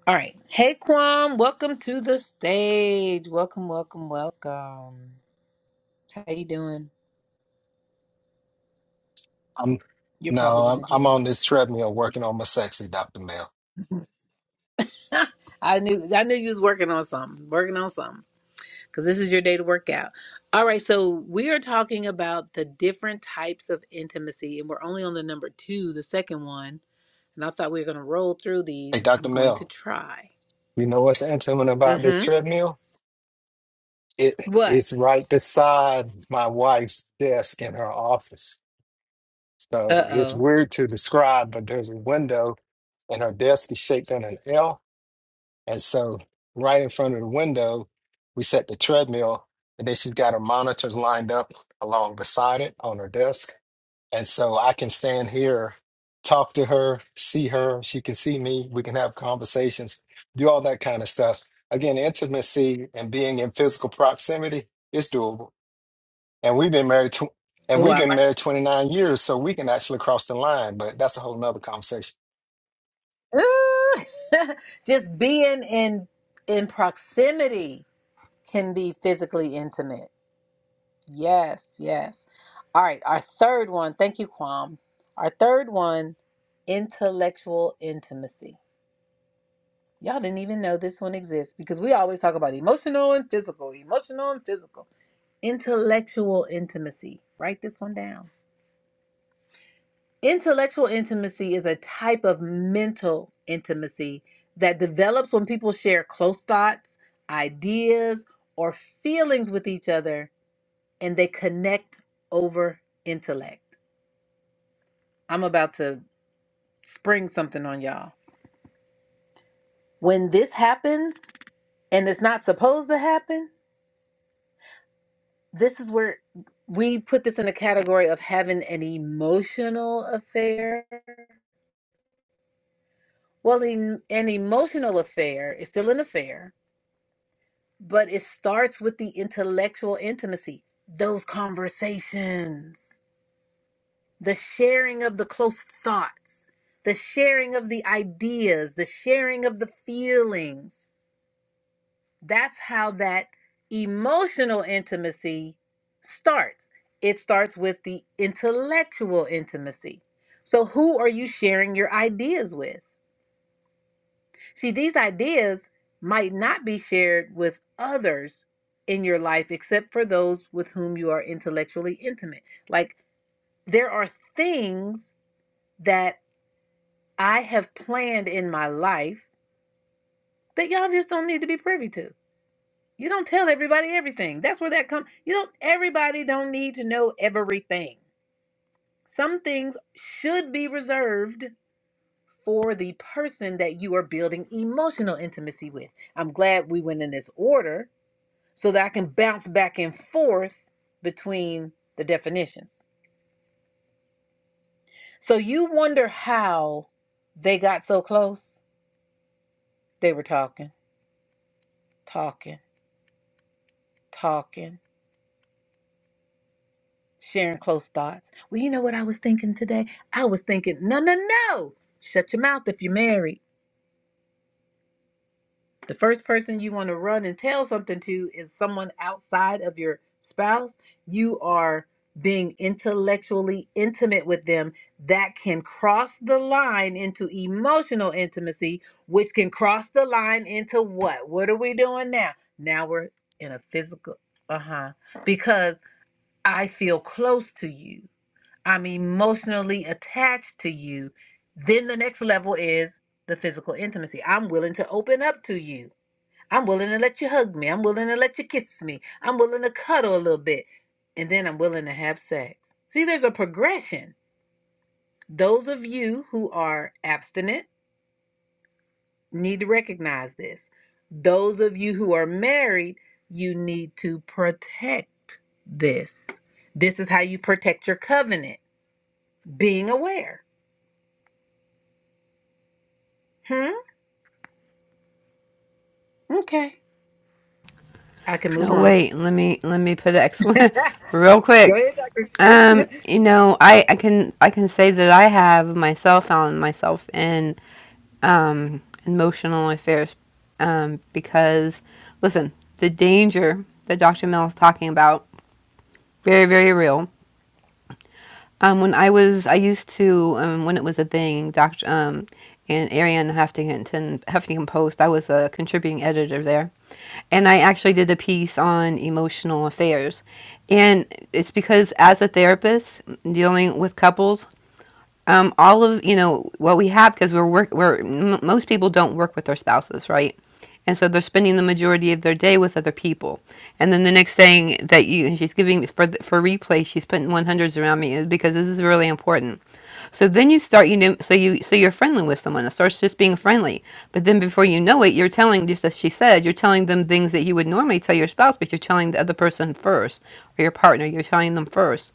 S1: All right. Hey, Kwam. Welcome to the stage. Welcome, welcome, welcome. How you doing?
S4: I'm
S1: You're
S4: no,
S1: probably in
S4: I'm,
S1: the
S4: I'm
S1: gym.
S4: on this treadmill working on my sexy, Dr. Mel.
S1: I knew I knew you was working on something, working on something, because this is your day to work out. All right, so we are talking about the different types of intimacy, and we're only on the number two, the second one. And I thought we were gonna roll through
S4: Hey,
S1: these. I'm
S4: Dr.
S1: going to
S4: Mel,
S1: try.
S4: you know what's intimate about this
S1: Mm-hmm.
S4: treadmill? It
S1: What?
S4: it's right beside my wife's desk in her office.
S1: Uh
S4: So it's
S1: oh.
S4: weird to describe, but there's a window and her desk is shaped in an L. And so right in front of the window, we set the treadmill, and then she's got her monitors lined up along beside it on her desk. And so I can stand here, talk to her, see her. She can see me. We can have conversations, do all that kind of stuff. Again, intimacy and being in physical proximity is doable. And we've been married to, and
S1: Oh,
S4: we've
S1: I
S4: been married 29 years, so we can actually cross the line, but that's a whole nother conversation.
S1: Ooh. just being in in proximity can be physically intimate. Yes, yes. All right, our third one. Thank you, Kwam. Our third one, intellectual intimacy. Y'all didn't even know this one exists because we always talk about emotional and physical, emotional and physical. Intellectual intimacy. Write this one down Intellectual intimacy is a type of mental intimacy that develops when people share close thoughts, ideas, or feelings with each other and they connect over intellect. I'm about to spring something on y'all. When this happens and it's not supposed to happen, this is where we put this in the category of having an emotional affair. Well, in, an emotional affair is still an affair, But it starts with the intellectual intimacy, those conversations, the sharing of the close thoughts, the sharing of the ideas, the sharing of the feelings. That's how that emotional intimacy starts. It starts with the intellectual intimacy. So, who are you sharing your ideas with? See, these ideas might not be shared with others in your life except for those with whom you are intellectually intimate. Like, there are things that I have planned in my life that y'all just don't need to be privy to. You don't tell everybody everything. That's where that comes. You don't, everybody don't need to know everything. Some things should be reserved for the person that you are building emotional intimacy with. I'm glad we went in this order so that I can bounce back and forth between the definitions. So you wonder how they got so close? They were talking, talking, talking, sharing close thoughts. Well, you know what I was thinking today? I was thinking, no, no, no. Shut your mouth if you're married. The first person you want to run and tell something to is someone outside of your spouse. You are being intellectually intimate with them. That can cross the line into emotional intimacy, which can cross the line into what? What are we doing now? Now we're in a physical, uh huh, because I feel close to you. I'm emotionally attached to you. Then the next level is the physical intimacy. I'm willing to open up to you. I'm willing to let you hug me. I'm willing to let you kiss me. I'm willing to cuddle a little bit. And then I'm willing to have sex. See, there's a progression. Those of you who are abstinent need to recognize this. Those of you who are married, you need to protect this. This is how you protect your covenant being aware. Hmm? Okay. I can move
S2: No,
S1: on.
S2: wait, let me, let me put an excellent,
S1: Go
S2: real quick.
S1: ahead, Dr. Jen.
S2: Um, you know, I, I can, I can say that I have myself found myself in, um, emotional affairs, um, because, listen, the danger that Dr. Mill is talking about, very, very real Um, when I was, I used to, um, when it was a thing, Dr. Um, and Ariane Huffington, Huffington Post, I was a contributing editor there. And I actually did a piece on emotional affairs. And it's because as a therapist, dealing with couples, um, all of you know what we have because we're work. We're m- most people don't work with their spouses, right? And so they're spending the majority of their day with other people. And then the next thing that you and she's giving for th- for replay, she's putting one hundreds around me is because this is really important. So then you start, you know, so you so you're friendly with someone. It starts just being friendly, but then before you know it, you're telling just as she said, you're telling them things that you would normally tell your spouse, but you're telling the other person first, or your partner, you're telling them first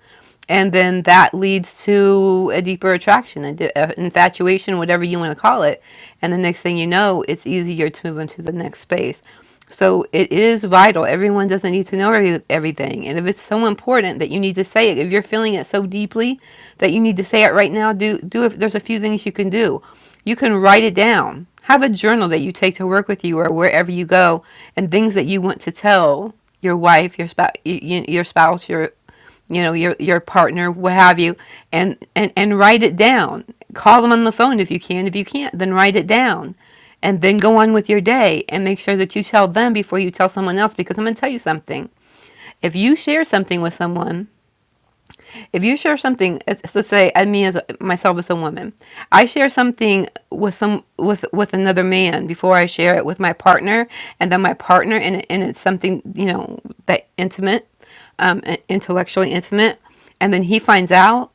S2: and then that leads to a deeper attraction a infatuation whatever you want to call it and the next thing you know it's easier to move into the next space so it is vital everyone doesn't need to know every, everything and if it's so important that you need to say it if you're feeling it so deeply that you need to say it right now do do if there's a few things you can do you can write it down have a journal that you take to work with you or wherever you go and things that you want to tell your wife your spouse your spouse your you know your your partner what have you and and and write it down call them on the phone if you can if you can't then write it down and then go on with your day and make sure that you tell them before you tell someone else because i'm going to tell you something if you share something with someone if you share something let's say i mean as a- myself as a woman i share something with some with with another man before i share it with my partner and then my partner and, and it's something you know that intimate um, intellectually intimate, and then he finds out,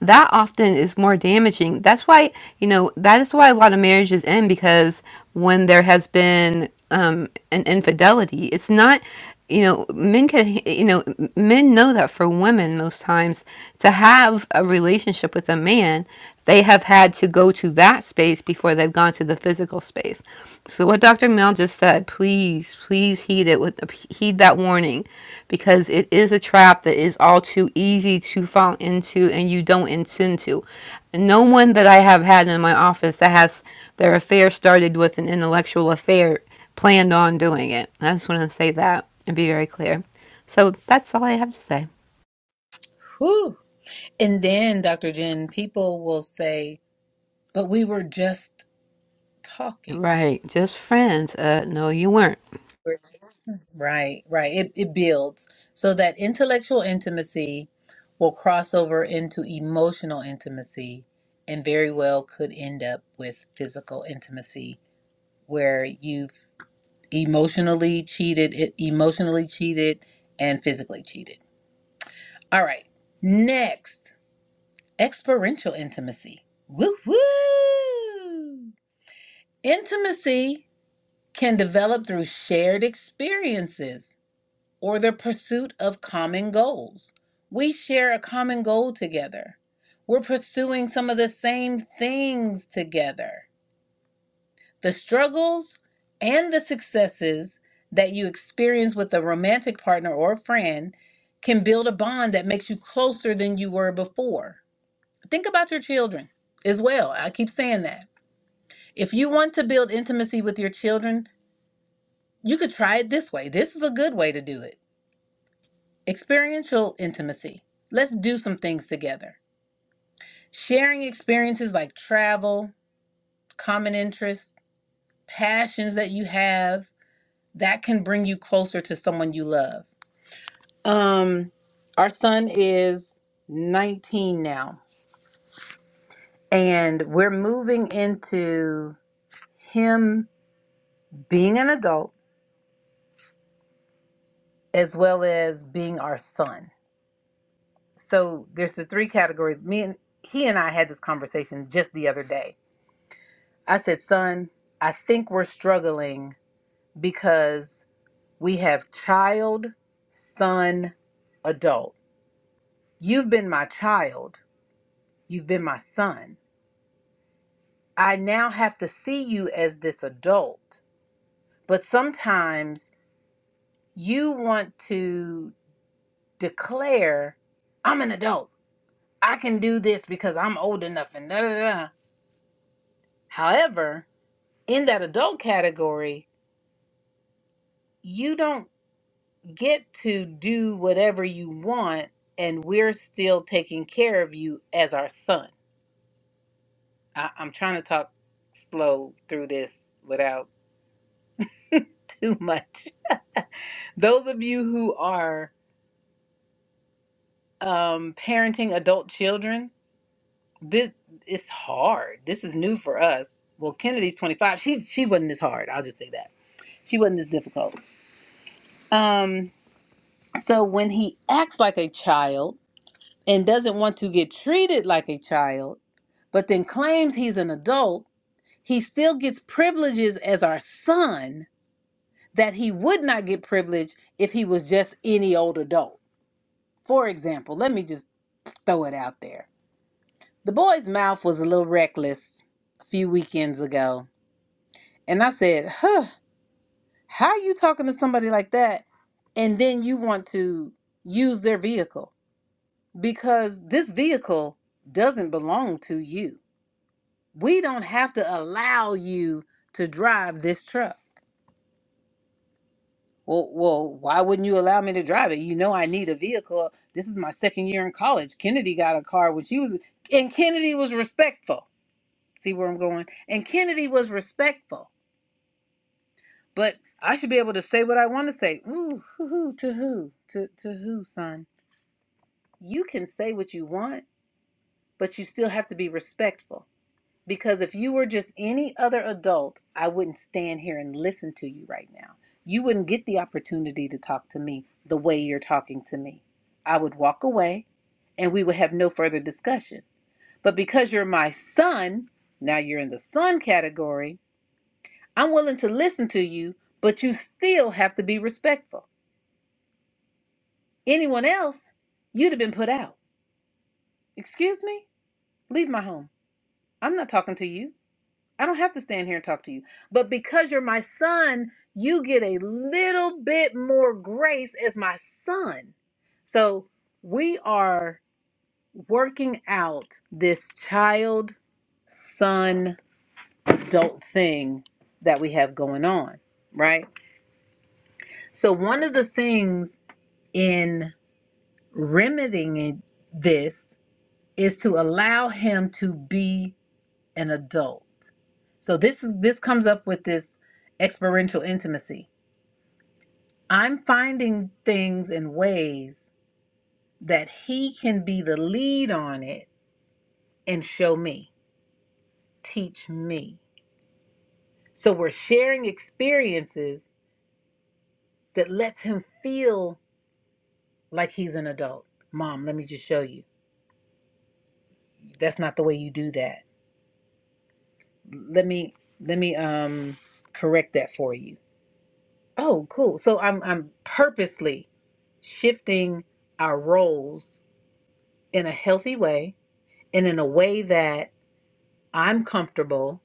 S2: that often is more damaging. That's why, you know, that is why a lot of marriages end because when there has been um, an infidelity, it's not, you know, men can, you know, men know that for women most times to have a relationship with a man, they have had to go to that space before they've gone to the physical space. So what Dr. Mel just said, please, please heed it with heed that warning because it is a trap that is all too easy to fall into and you don't intend to. No one that I have had in my office that has their affair started with an intellectual affair planned on doing it. I just want to say that and be very clear. So that's all I have to say.
S1: Whew. And then, Dr. Jen, people will say, But we were just talking.
S2: Right, just friends. Uh, no, you weren't.
S1: Right, right. It, it builds so that intellectual intimacy will cross over into emotional intimacy and very well could end up with physical intimacy where you've emotionally cheated, it emotionally cheated and physically cheated. All right. Next, experiential intimacy. Woo woo! Intimacy can develop through shared experiences or the pursuit of common goals. We share a common goal together. We're pursuing some of the same things together. The struggles and the successes that you experience with a romantic partner or a friend can build a bond that makes you closer than you were before. Think about your children as well. I keep saying that. If you want to build intimacy with your children, you could try it this way. This is a good way to do it Experiential intimacy. Let's do some things together. Sharing experiences like travel, common interests, passions that you have, that can bring you closer to someone you love. Um our son is 19 now and we're moving into him being an adult as well as being our son. So there's the three categories. Me and he and I had this conversation just the other day I said, son, I think we're struggling because we have child, son, adult. You've been my child. You've been my son. I now have to see you as this adult. But sometimes you want to declare, I'm an adult. I can do this because I'm old enough and da da da. However, in that adult category, you don't. get to do whatever you want and we're still taking care of you as our son. I, I'm trying to talk slow through this without too much. Those of you who are um, parenting adult children, this is hard. This is new for us. Well, Kennedy's 25. She she wasn't this hard. I'll just say that she wasn't this difficult. Um, so when he acts like a child and doesn't want to get treated like a child, but then claims he's an adult, he still gets privileges as our son that he would not get privilege if he was just any old adult. For example, let me just throw it out there. The boy's mouth was a little reckless a few weekends ago, and I said, "Huh, how are you talking to somebody like that and then you want to use their vehicle because this vehicle doesn't belong to you." we don't have to allow you to drive this truck. Well, well, why wouldn't you allow me to drive it? You know, I need a vehicle. This is my second year in college. Kennedy got a car when she was, and Kennedy was respectful. See where I'm going? And Kennedy was respectful. But I should be able to say what I want to say. Ooh, hoo, hoo, to who? To, to who, son? You can say what you want, but you still have to be respectful. Because if you were just any other adult, I wouldn't stand here and listen to you right now. You wouldn't get the opportunity to talk to me the way you're talking to me. I would walk away and we would have no further discussion. But because you're my son, now you're in the son category, I'm willing to listen to you, but you still have to be respectful. Anyone else, you'd have been put out. Excuse me? Leave my home. I'm not talking to you. I don't have to stand here and talk to you. But because you're my son, you get a little bit more grace as my son. So we are working out this child son adult thing that we have going on, right? So one of the things in remedying it- this is to allow him to be an adult. So this is this comes up with this experiential intimacy I'm finding things and ways that he can be the lead on it and show me, teach me. So we're sharing experiences that lets him feel like he's an adult. Mom, let me just show you. That's not the way you do that. Let me let me um correct that for you. Oh, cool. So I'm I'm purposely shifting our roles in a healthy way and in a way that I'm comfortable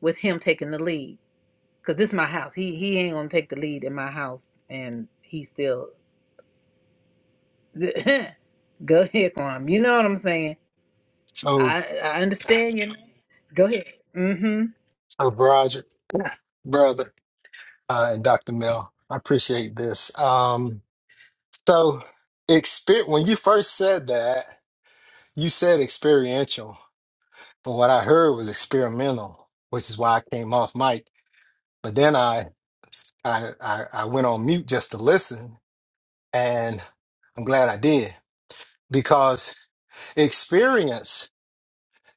S1: with him taking the lead because this is my house. He he ain't gonna take the lead in my house, and he still go ahead, Kwam. You know what I'm saying?
S4: So,
S1: I I understand you. Go ahead. Mm-hmm.
S4: so Roger, brother, uh, and Dr. Mill, I appreciate this. Um, so, exper- when you first said that, you said experiential. But what I heard was experimental, which is why I came off mic. But then I, I, I, I went on mute just to listen, and I'm glad I did because experience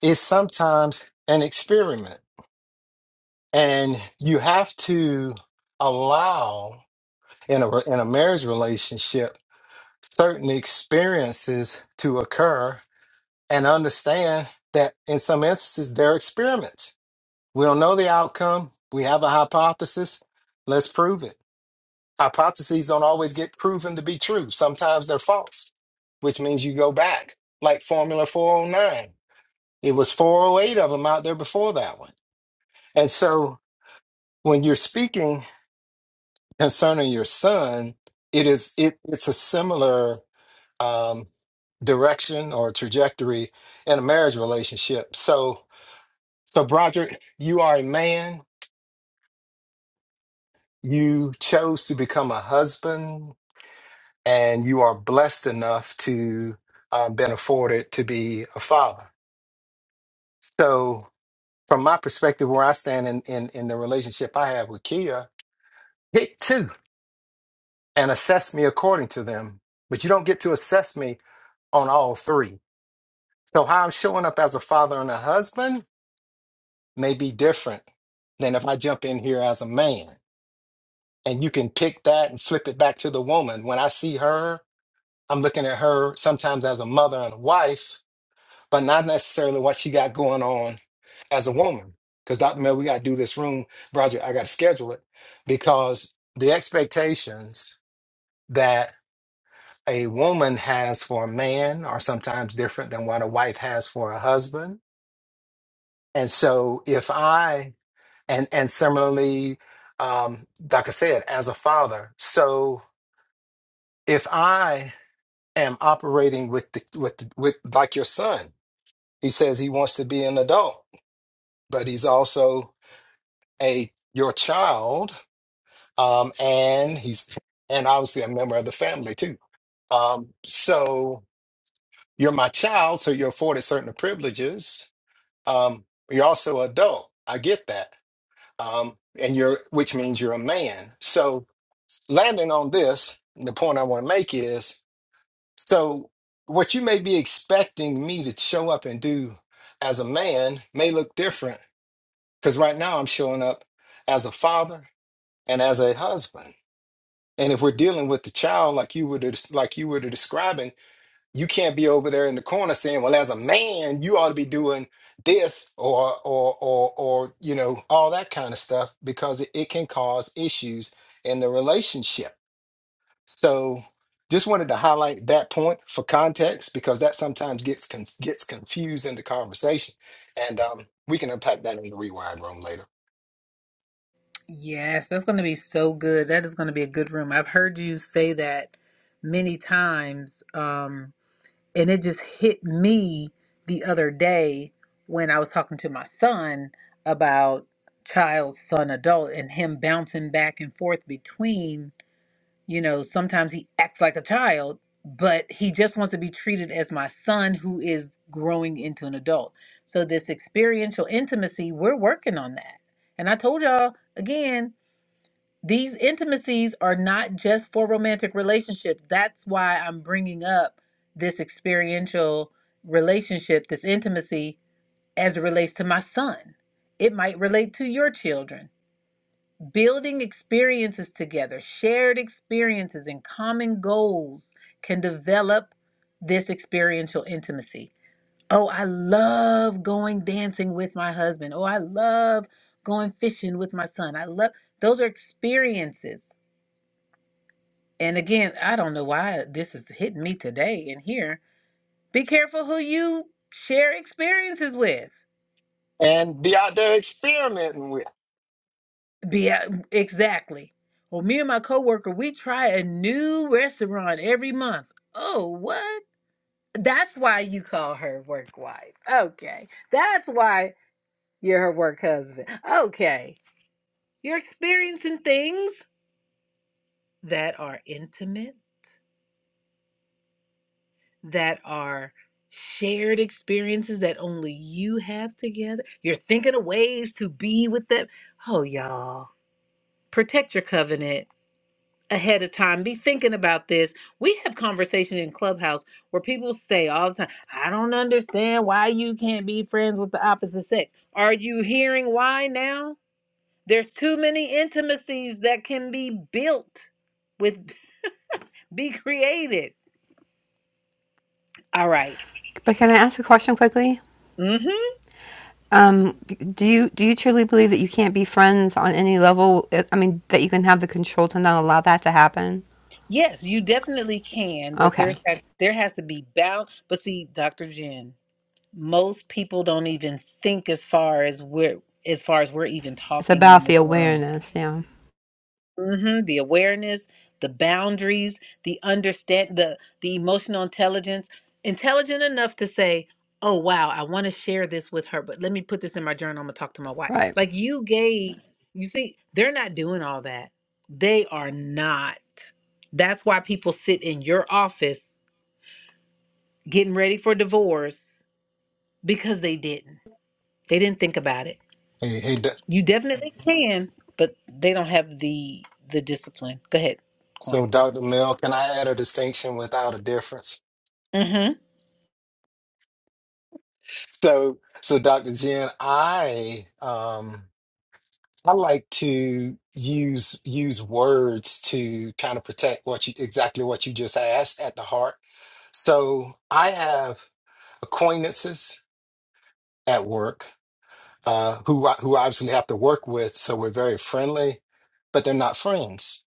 S4: is sometimes an experiment, and you have to allow in a in a marriage relationship certain experiences to occur and understand that in some instances they're experiments We don't know the outcome. We have a hypothesis. Let's prove it. Hypotheses don't always get proven to be true. Sometimes they're false, which means you go back, like Formula 409. It was 408 of them out there before that one. And so when you're speaking concerning your son, it is it, it's a similar um, direction or trajectory in a marriage relationship. So so Broderick, you are a man you chose to become a husband and you are blessed enough to uh, been afforded to be a father so from my perspective where i stand in, in, in the relationship i have with kia pick two and assess me according to them but you don't get to assess me on all three so how i'm showing up as a father and a husband may be different than if i jump in here as a man and you can pick that and flip it back to the woman when i see her I'm looking at her sometimes as a mother and a wife, but not necessarily what she got going on as a woman. Because Dr. Mel, we got to do this room project. I got to schedule it because the expectations that a woman has for a man are sometimes different than what a wife has for a husband. And so, if I and and similarly, um, like I said, as a father, so if I am operating with the with the, with like your son He says he wants to be an adult, but he's also a your child, um, and he's and obviously a member of the family too. Um, so you're my child, so you're afforded certain privileges. Um, you're also adult. I get that, um, and you're which means you're a man. So landing on this, the point I want to make is so what you may be expecting me to show up and do as a man may look different Because right now I'm showing up as a father and as a husband. And if we're dealing with the child like you were des- like you were describing, you can't be over there in the corner saying, "Well, as a man, you ought to be doing this or or or or you know all that kind of stuff," because it, it can cause issues in the relationship. So, just wanted to highlight that point for context because that sometimes gets con- gets confused in the conversation, and um, we can unpack that in the rewired room later.
S1: Yes, that's gonna be so good. That is gonna be a good room. I've heard you say that many times. Um, And it just hit me the other day when I was talking to my son about child, son, adult, and him bouncing back and forth between, you know, sometimes he acts like a child, but he just wants to be treated as my son who is growing into an adult. So, this experiential intimacy, we're working on that. And I told y'all again, these intimacies are not just for romantic relationships. That's why I'm bringing up this experiential relationship, this intimacy, as it relates to my son. It might relate to your children. Building experiences together, shared experiences, and common goals can develop this experiential intimacy. Oh, I love going dancing with my husband. Oh, I love going fishing with my son. I love those are experiences and again, I don't know why this is hitting me today in here. Be careful who you share experiences with.
S4: and be out there experimenting with.
S1: Be uh, exactly. Well, me and my coworker, we try a new restaurant every month. Oh, what? That's why you call her work wife. Okay. That's why you're her work husband. Okay. You're experiencing things that are intimate that are shared experiences that only you have together. You're thinking of ways to be with them. Oh, y'all, protect your covenant ahead of time. Be thinking about this. We have conversation in Clubhouse where people say all the time, I don't understand why you can't be friends with the opposite sex. Are you hearing why now? There's too many intimacies that can be built with be created. All right.
S2: But can I ask a question quickly?
S1: Mm-hmm.
S2: Um, do you do you truly believe that you can't be friends on any level? I I mean, that you can have the control to not allow that to happen?
S1: Yes, you definitely can, but there
S2: Okay,
S1: has, there has to be bound. But see, Dr. Jen, most people don't even think as far as we're as far as we're even
S2: it's
S1: talking in
S2: about the
S1: this room
S2: awareness. Yeah,
S1: hmm the awareness, the boundaries, the understand, the the emotional intelligence, intelligent enough to say, "Oh wow, I want to share this with her, but let me put this in my journal. I'm gonna talk to my wife."
S2: right.
S1: Like you gave, you see, they're not doing all that. They are not. That's why people sit in your office getting ready for divorce because they didn't. They didn't think about it.
S4: Hey, hey, doc-
S1: You definitely can, but they don't have the the discipline. Go ahead,
S4: so
S1: Quan.
S4: Dr. Mill, can I add a distinction without a difference?
S1: Mm-hmm.
S4: So, so Dr. Jen, I um I like to use use words to kind of protect what you exactly what you just asked at the heart. So I have acquaintances at work uh, who I, who I obviously have to work with, so we're very friendly, but they're not friends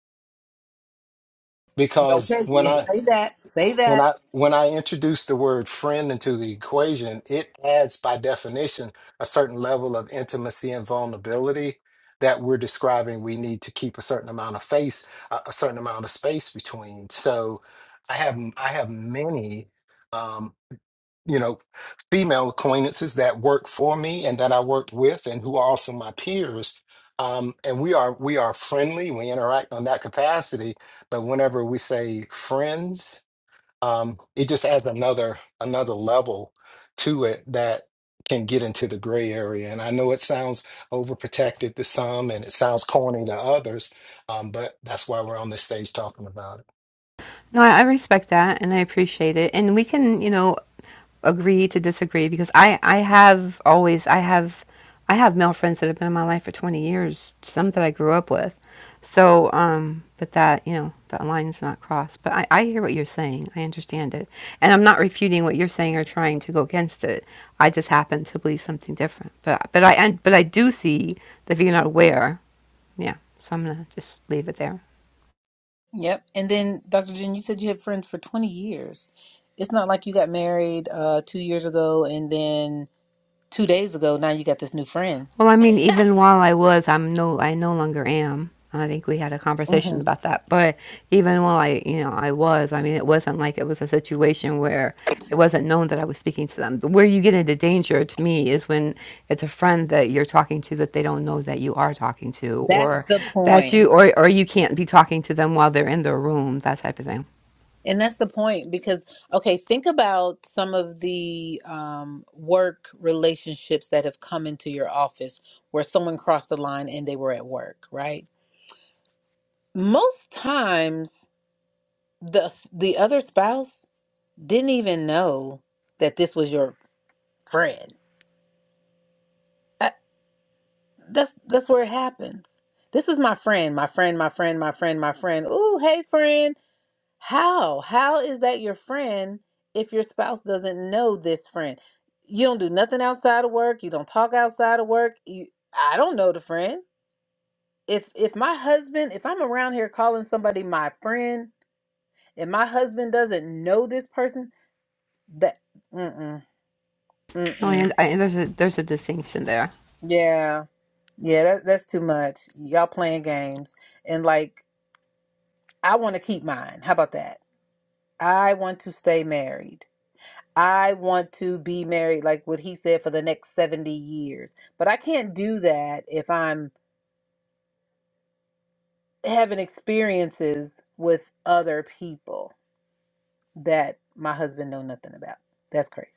S4: because
S1: Okay,
S4: when
S1: yeah,
S4: I
S1: say that. Say
S4: when
S1: that.
S4: I when I introduce the word friend into the equation, it adds by definition a certain level of intimacy and vulnerability that we're describing we need to keep a certain amount of face a a certain amount of space between. So I have m- I have many um you know female acquaintances that work for me and that I work with and who are also my peers um and we are we are friendly we interact on that capacity but whenever we say friends um, it just adds another another level to it that can get into the gray area. And I know it sounds overprotected to some, and it sounds corny to others, um, but that's why we're on this stage talking about it.
S2: No, I I respect that and I appreciate it. And we can, you know, agree to disagree because I I have always I have I have male friends that have been in my life for 20 years, some that I grew up with. So, um, but that, you know, that line's not crossed. But I, I hear what you're saying. I understand it. And I'm not refuting what you're saying or trying to go against it. I just happen to believe something different. But but I and but I do see that if you're not aware, yeah. So I'm gonna just leave it there.
S1: Yep. And then, Dr. Jen, you said you had friends for 20 years. It's not like you got married uh, two years ago and then two days ago, now you got this new friend.
S2: Well, I mean, even while I was, I'm no, I no longer am. I think we had a conversation
S1: Mhm.
S2: about that. But even while I, you know, I was, I mean, it wasn't like it was a situation where it wasn't known that I was speaking to them. Where you get into danger to me is when it's a friend that you're talking to that they don't know that you are talking to,
S1: That's
S2: or
S1: the
S2: that
S1: point.
S2: you, or or you can't be talking to them while they're in their room, that type of thing.
S1: And that's the point because, okay, think about some of the um, work relationships that have come into your office where someone crossed the line and they were at work, right? Most times, the the other spouse didn't even know that this was your friend. I, that's that's where it happens. This is my friend, my friend, my friend, my friend, my friend. Ooh, hey friend. How? How is that your friend if your spouse doesn't know this friend? You don't do nothing outside of work, you don't talk outside of work. You, I don't know the friend. If if my husband, if I'm around here calling somebody my friend, and my husband doesn't know this person, that mm mm mm
S2: Oh,
S1: mm.
S2: and, I, and there's a there's a distinction there.
S1: Yeah. Yeah, that, that's too much. Y'all playing games. And like, I want to keep mine. How about that? I want to stay married. I want to be married, like what he said, for the next 70 years. But I can't do that if I'm having experiences with other people that my husband know nothing about. That's crazy.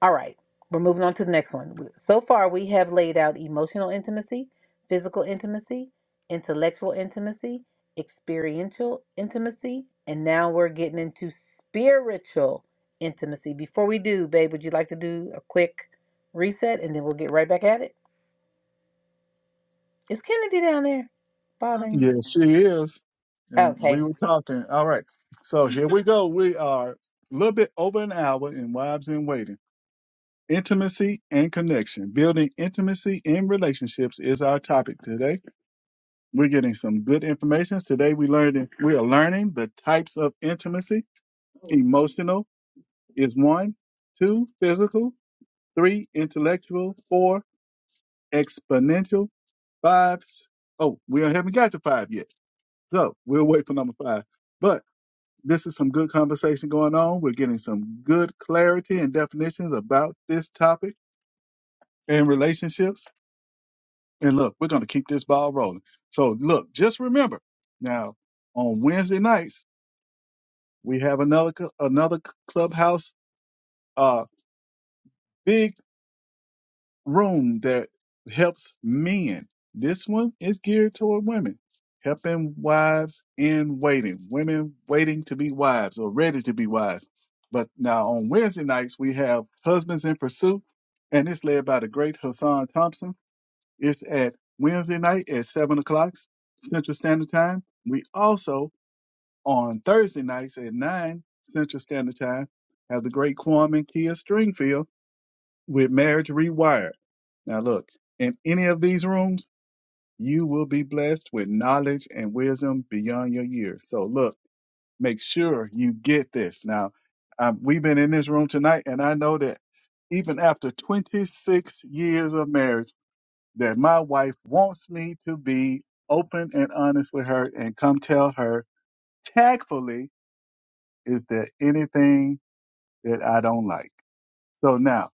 S1: All right, we're moving on to the next one. So far, we have laid out emotional intimacy, physical intimacy, intellectual intimacy, experiential intimacy, and now we're getting into spiritual intimacy. Before we do, babe, would you like to do a quick reset and then we'll get right back at it? Is Kennedy down there
S3: Huh?
S1: bothering
S3: Yeah,
S1: you?
S3: she is. And we
S1: Okay,
S3: were talking. All right. So here we go. We are a little bit over an hour in Wives in Waiting. Intimacy and connection. Building intimacy in relationships is our topic today. We're getting some good information. Today we learned we are learning the types of intimacy. Emotional is one, two, physical, three, intellectual, four, exponential, five. Oh, we haven't got to five yet. So we'll wait for number five. but. This is some good conversation going on. We're getting some good clarity and definitions about this topic and relationships. And look, we're going to keep this ball rolling. So look, just remember now on Wednesday nights, we have another, cl- another clubhouse, uh, big room that helps men. This one is geared toward women, helping wives in waiting, women waiting to be wives or ready to be wives. But now on Wednesday nights, we have Husbands in Pursuit, and it's led by the great Hassan Thompson. It's at Wednesday night at 7 o'clock Central Standard Time. We also, on Thursday nights at 9 Central Standard Time, have the great Kwame Kia Stringfield with Marriage Rewired. Now, look, in any of these rooms, you will be blessed with knowledge and wisdom beyond your years. So, look, make sure you get this. Now, um, we've been in this room tonight, and I know that even after 26 years of marriage, that my wife wants me to be open and honest with her and come tell her tactfully is there anything that I don't like. So now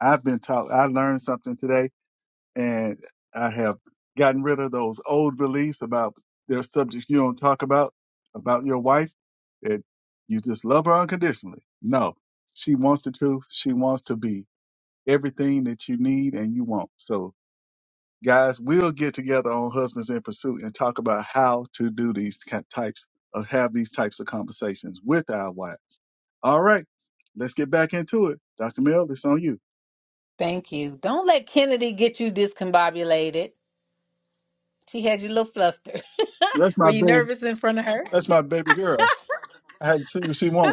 S3: I've been taught, I learned something today and I have gotten rid of those old beliefs about there's subjects you don't talk about about your wife that you just love her unconditionally. No, she wants the truth. She wants to be everything that you need and you want. So guys, we'll get together on Husbands in Pursuit and talk about how to do these ki- types of have these types of conversations with our wives. All right, let's get back into it. Dr. Mill, it's on you.
S1: thank you. Don't let Kennedy get you discombobulated. She had you a little flustered.
S3: That's
S1: Were
S3: my
S1: you
S3: baby.
S1: nervous in front of her?
S3: That's my baby girl. I hadn't seen her. She won't.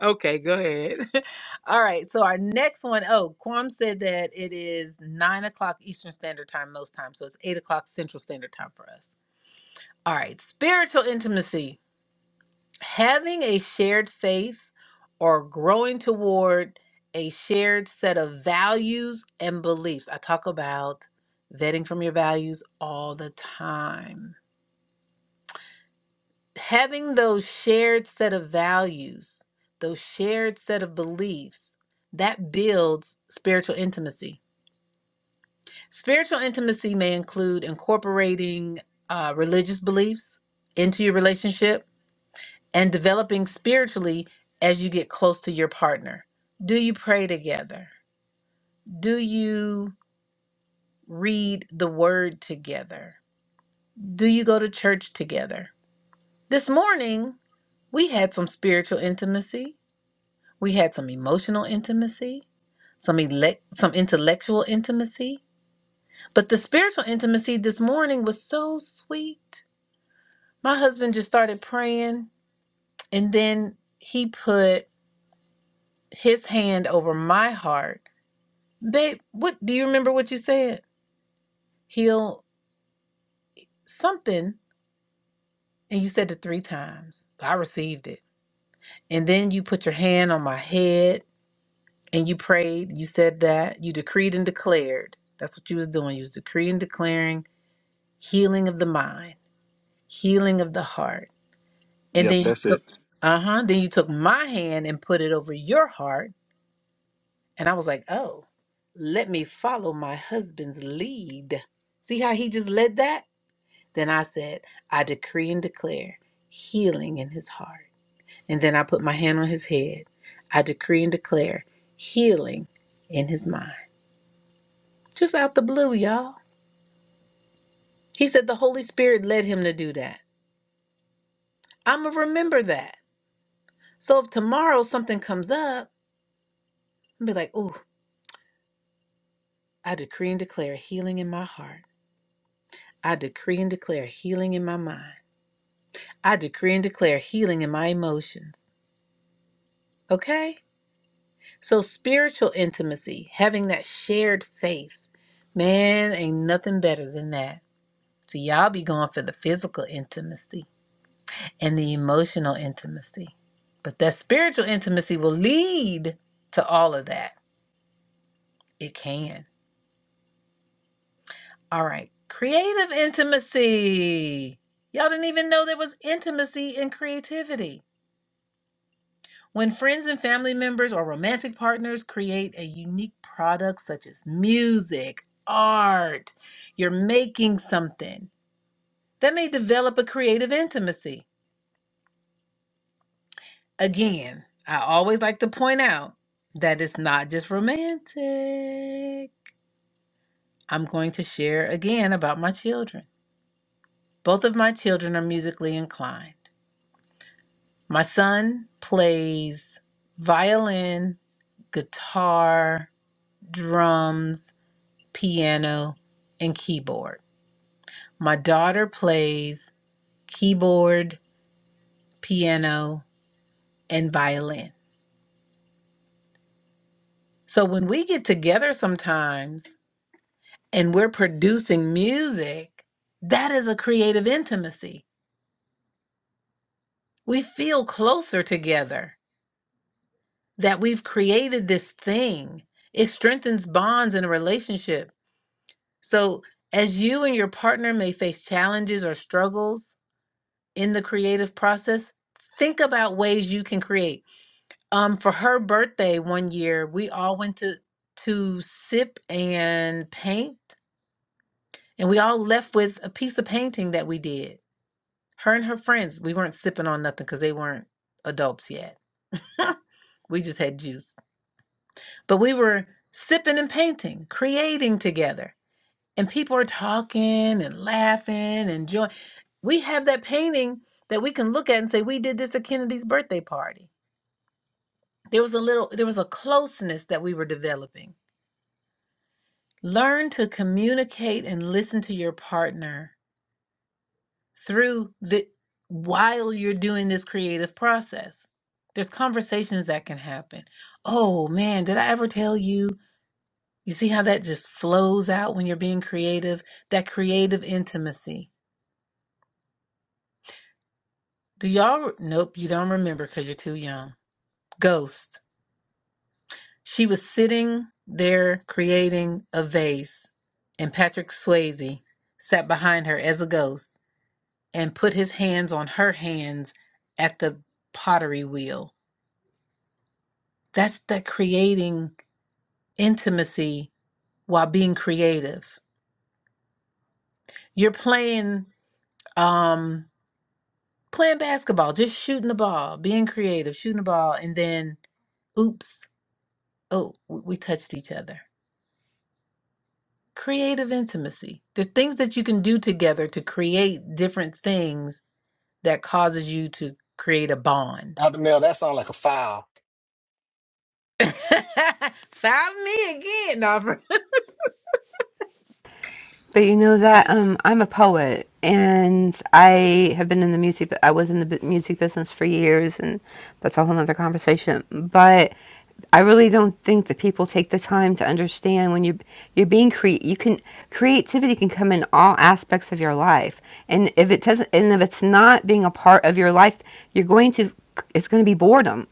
S1: Okay, go ahead. All right. So our next one, oh, Quam said that it is nine o'clock Eastern Standard Time most times. So it's eight o'clock Central Standard Time for us. All right. Spiritual intimacy. Having a shared faith or growing toward a shared set of values and beliefs. I talk about vetting from your values all the time having those shared set of values, those shared set of beliefs, that builds spiritual intimacy. Spiritual intimacy may include incorporating uh, religious beliefs into your relationship and developing spiritually as you get close to your partner. Do you pray together? Do you read the word together? Do you go to church together? This morning, we had some spiritual intimacy We had some emotional intimacy, some elect, some intellectual intimacy, but the spiritual intimacy this morning was so sweet. My husband just started praying, and then he put his hand over my heart. Babe, what do you remember what you said? Heal something, and you said it three times. I received it, and then you put your hand on my head, and you prayed. You said that you decreed and declared. That's what you was doing. You was decreeing, declaring healing of the mind, healing of the heart. And
S3: Yep,
S1: then you
S3: that's it.
S1: took, uh huh, then you took my hand and put it over your heart. And I was like, oh, let me follow my husband's lead. See how he just led that? Then I said, I decree and declare healing in his heart. And then I put my hand on his head. I decree and declare healing in his mind. Just out the blue, y'all. He said the Holy Spirit led him to do that. I'm going to remember that. So if tomorrow something comes up, I'll be like, ooh, I decree and declare healing in my heart. I decree and declare healing in my mind. I decree and declare healing in my emotions. Okay? So spiritual intimacy, having that shared faith, man, ain't nothing better than that. So y'all be going for the physical intimacy and the emotional intimacy. But that spiritual intimacy will lead to all of that. It can. All right. Creative intimacy. Y'all didn't even know there was intimacy in creativity. When friends and family members or romantic partners create a unique product such as music, art, you're making something that may develop a creative intimacy. Again, I always like to point out that it's not just romantic. I'm going to share again about my children. Both of my children are musically inclined. My son plays violin, guitar, drums, piano, and keyboard. My daughter plays keyboard, piano, and violin. So when we get together sometimes and we're producing music, that is a creative intimacy. We feel closer together that we've created this thing. It strengthens bonds in a relationship So, as you and your partner may face challenges or struggles in the creative process, think about ways you can create. Um, for her birthday one year, we all went to to sip and paint, and we all left with a piece of painting that we did. Her and her friends, we weren't sipping on nothing because they weren't adults yet. we just had juice, but we were sipping and painting, creating together. and people are talking and laughing and joy. We have that painting that we can look at and say, we did this at Kennedy's birthday party. There was a little, there was a closeness that we were developing. Learn to communicate and listen to your partner through the, while you're doing this creative process. There's conversations that can happen. Oh man, did I ever tell you? You see how that just flows out when you're being creative? That creative intimacy Do y'all? Nope, you don't remember because you're too young. Ghost. She was sitting there creating a vase, and Patrick Swayze sat behind her as a ghost and put his hands on her hands at the pottery wheel. That's that creating intimacy while being creative. You're playing, um, playing basketball, just shooting the ball, being creative, shooting the ball, and then, oops, oh, we, we touched each other creative intimacy there's things that you can do together to create different things that causes you to create a bond
S4: Dr. Mel, that sounds like a foul.
S1: found me again Nava.
S2: But you know that um, I'm a poet, and I have been in the music. I was in the music business for years, and that's a whole other conversation. But I really don't think that people take the time to understand when you you're being cre- you can creativity can come in all aspects of your life, and if it doesn't, and if it's not being a part of your life, you're going to it's going to be boredom.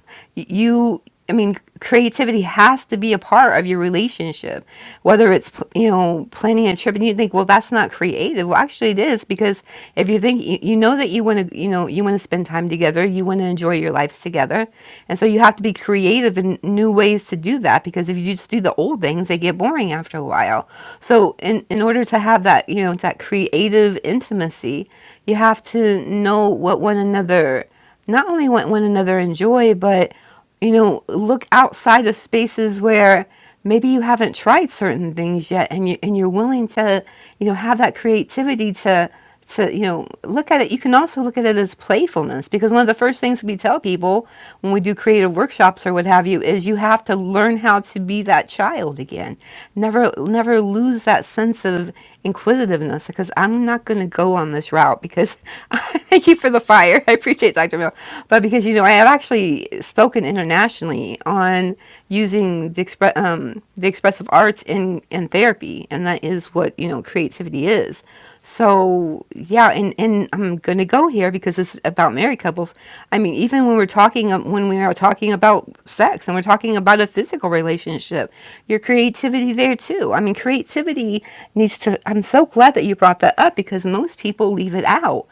S2: You, I mean, creativity has to be a part of your relationship, whether it's, you know, planning a trip and you think, well, that's not creative. Well, actually, it is because if you think, you you know, that you want to, you know, you want to spend time together, you want to enjoy your lives together. And so you have to be creative in new ways to do that because if you just do the old things, they get boring after a while. So, in, in order to have that, you know, that creative intimacy, you have to know what one another not only want one another enjoy, but you know, look outside of spaces where maybe you haven't tried certain things yet, and you and you're willing to, you know, have that creativity to to you know look at it. You can also look at it as playfulness because one of the first things we tell people when we do creative workshops or what have you is you have to learn how to be that child again. Never never lose that sense of inquisitiveness because I'm not going to go on this route because thank you for the the fire. I appreciate Dr. Bill. But because, you know, I have actually spoken internationally on using the, expre- um, the expressive arts in, in therapy. And that is what, you know, creativity is. So, yeah, and, and I'm going to go here because it's about married couples. I mean, even when we're talking, um, when we are talking about sex and we're talking about a physical relationship, your creativity there too. I mean, creativity needs to, I'm so glad that you brought that up because most people leave it out.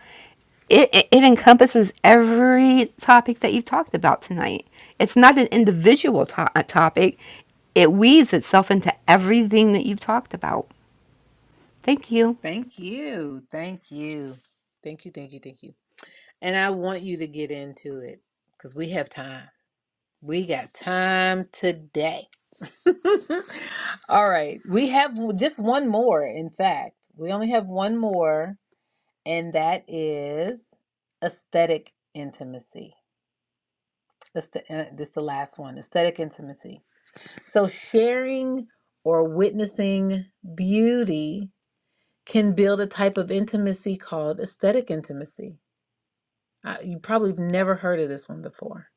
S2: It, it, it encompasses every topic that you've talked about tonight. It's not an individual to- uh, topic, it weaves itself into everything that you've talked about. Thank you.
S1: thank you thank you thank you thank you thank you and i want you to get into it because we have time we got time today all right we have just one more in fact we only have one more and that is aesthetic intimacy. That's the, uh, this is the last one aesthetic intimacy. So, sharing or witnessing beauty can build a type of intimacy called aesthetic intimacy. Uh, you probably have never heard of this one before.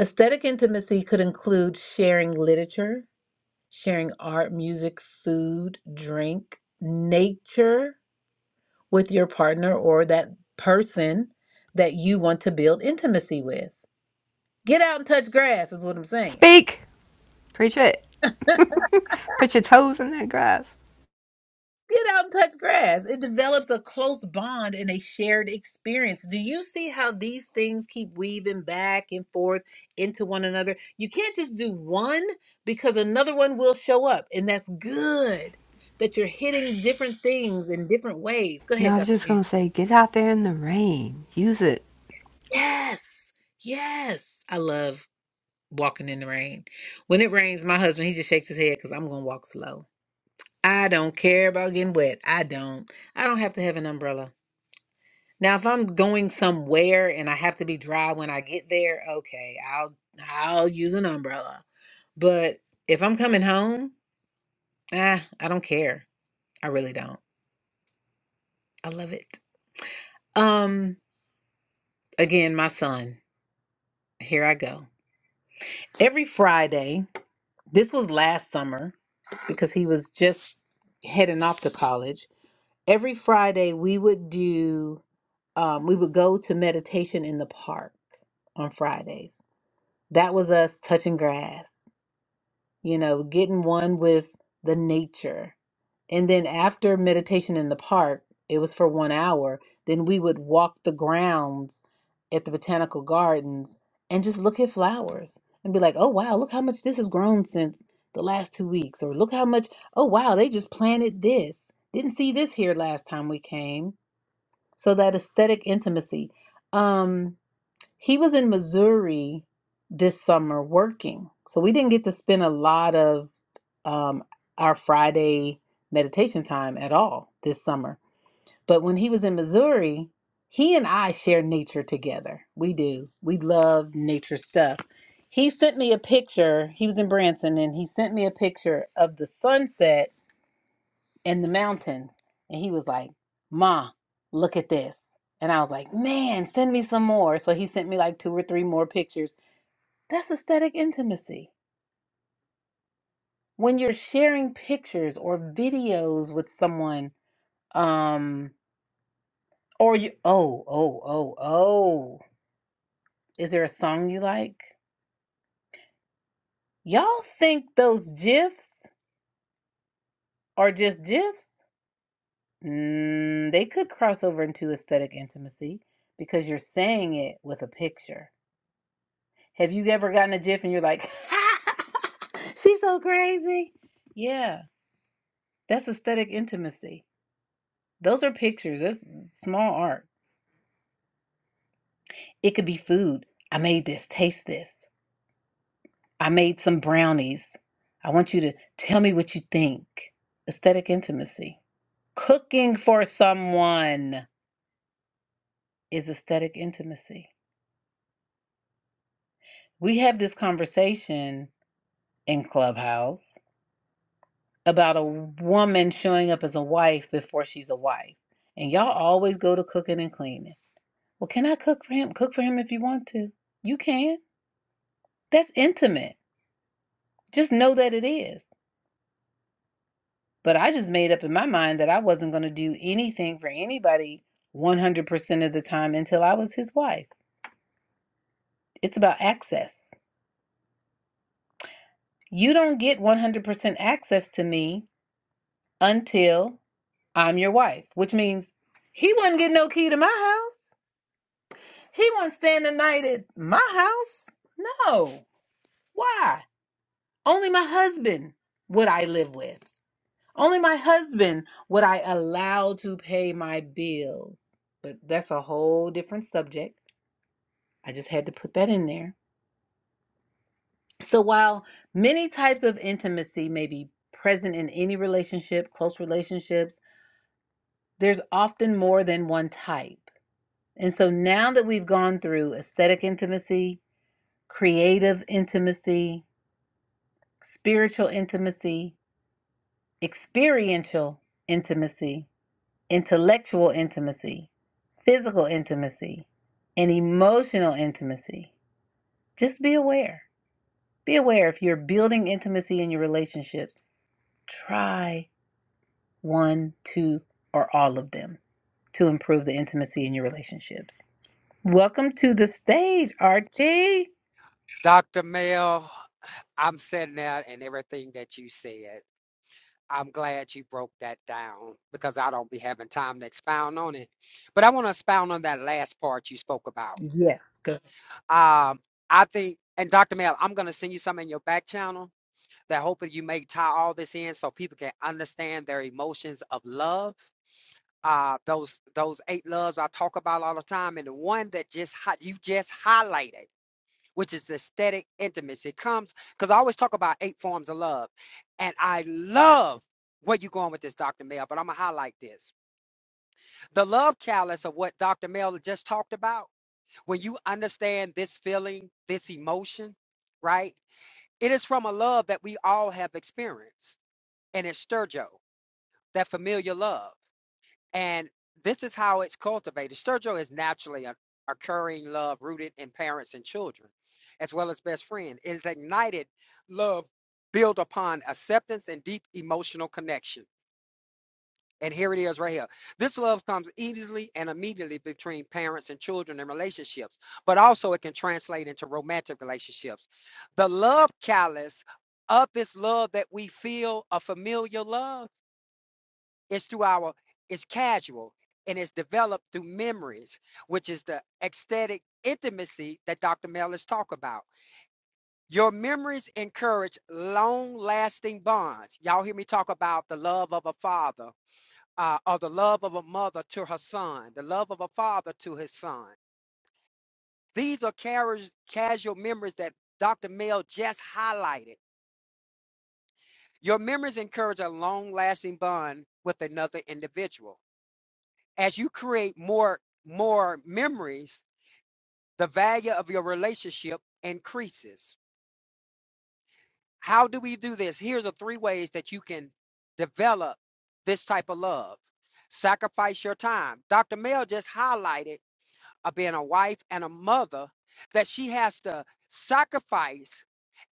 S1: Aesthetic intimacy could include sharing literature, sharing art, music, food, drink, nature with your partner or that person that you want to build intimacy with. Get out and touch grass, is what I'm saying.
S2: Speak. Preach it. Put your toes in that grass.
S1: Get out and touch grass. It develops a close bond and a shared experience. Do you see how these things keep weaving back and forth into one another? You can't just do one because another one will show up, and that's good that you're hitting different things in different ways. Go
S2: No,
S1: ahead,
S2: I was
S1: Dr.
S2: just going
S1: Jen.
S2: to say get out there in the rain, use it.
S1: Yes. Yes. I love walking in the rain. When it rains, my husband, he just shakes his head because I'm going to walk slow. I don't care about getting wet. I don't. I don't have to have an umbrella. Now, if I'm going somewhere and I have to be dry when I get there, okay, I'll I'll use an umbrella. But if I'm coming home, ah, I don't care. I really don't. I love it. Um, again, my son. Here I go. Every Friday, this was last summer because he was just heading off to college every Friday we would do um, we would go to meditation in the park on Fridays. That was us touching grass, you know, getting one with the nature. And then after meditation in the park, it was for one hour, then we would walk the grounds at the botanical gardens and just look at flowers and be like, oh wow, look how much this has grown since the last two weeks. Or look how much, oh wow, they just planted this. Didn't see this here last time we came so that aesthetic intimacy. Um, he was in Missouri this summer working. So we didn't get to spend a lot of um, our Friday meditation time at all this summer. But when he was in Missouri, he and I share nature together. We do. We love nature stuff. He sent me a picture. He was in Branson and he sent me a picture of the sunset in the mountains. And he was like, Ma, look at this. And I was like, man, send me some more. So he sent me like two or three more pictures. That's aesthetic intimacy. When you're sharing pictures or videos with someone, um, or you, oh, oh, oh, oh, is there a song you like? Y'all think those GIFs are just GIFs? Mm, they could cross over into aesthetic intimacy because you're saying it with a picture Have you ever gotten a GIF and you're like, she's so crazy? Yeah, that's aesthetic intimacy. Those are pictures, that's small art. It could be food. I made this, taste this. I made some brownies. I want you to tell me what you think. Aesthetic intimacy. Cooking for someone is aesthetic intimacy. We have this conversation in Clubhouse about a woman showing up as a wife before she's a wife. And y'all always go to cooking and cleaning. Well, can I cook for him? Cook for him if you want to. You can. That's intimate. Just know that it is. But I just made up in my mind that I wasn't going to do anything for anybody 100% of the time until I was his wife. It's about access. You don't get 100% access to me until I'm your wife, which means he wasn't getting no key to my house. He wasn't staying the night at my house. No. Why? Only my husband would I live with. Only my husband would I allow to pay my bills. But that's a whole different subject. I just had to put that in there. So while many types of intimacy may be present in any relationship, close relationships, there's often more than one type. And so now that we've gone through aesthetic intimacy, creative intimacy, spiritual intimacy, experiential intimacy, intellectual intimacy, physical intimacy, and emotional intimacy. Just be aware. Be aware if you're building intimacy in your relationships, try one, two, or all of them to improve the intimacy in your relationships. Welcome to the stage, Archie.
S5: Dr. Mel, I'm sitting there and everything that you said. I'm glad you broke that down because I don't be having time to expound on it. But I want to expound on that last part you spoke about.
S1: Yes, good.
S5: Um, I think, and Dr. Mel, I'm going to send you some in your back channel that hopefully you may tie all this in so people can understand their emotions of love. Uh, those those eight loves I talk about all the time, and the one that just hi- you just highlighted which is aesthetic intimacy. It comes because I always talk about eight forms of love. And I love where you're going with this, Dr. Mel, but I'm going to highlight this. The love callus of what Dr. Mel just talked about, when you understand this feeling, this emotion, right? It is from a love that we all have experienced. And it's Sturgio, that familiar love. And this is how it's cultivated. Sturgill is naturally a occurring love rooted in parents and children, as well as best friend. It is ignited love built upon acceptance and deep emotional connection. And here it is right here. This love comes easily and immediately between parents and children and relationships, but also it can translate into romantic relationships. The love callous of this love that we feel a familiar love it's through our, it's casual and it's developed through memories, which is the ecstatic intimacy that Dr. Mellis talk about. Your memories encourage long lasting bonds. Y'all hear me talk about the love of a father uh, or the love of a mother to her son, the love of a father to his son. These are carriage, casual memories that Dr. Mel just highlighted. Your memories encourage a long lasting bond with another individual. as you create more more memories the value of your relationship increases how do we do this here's the three ways that you can develop this type of love sacrifice your time dr mel just highlighted uh, being a wife and a mother that she has to sacrifice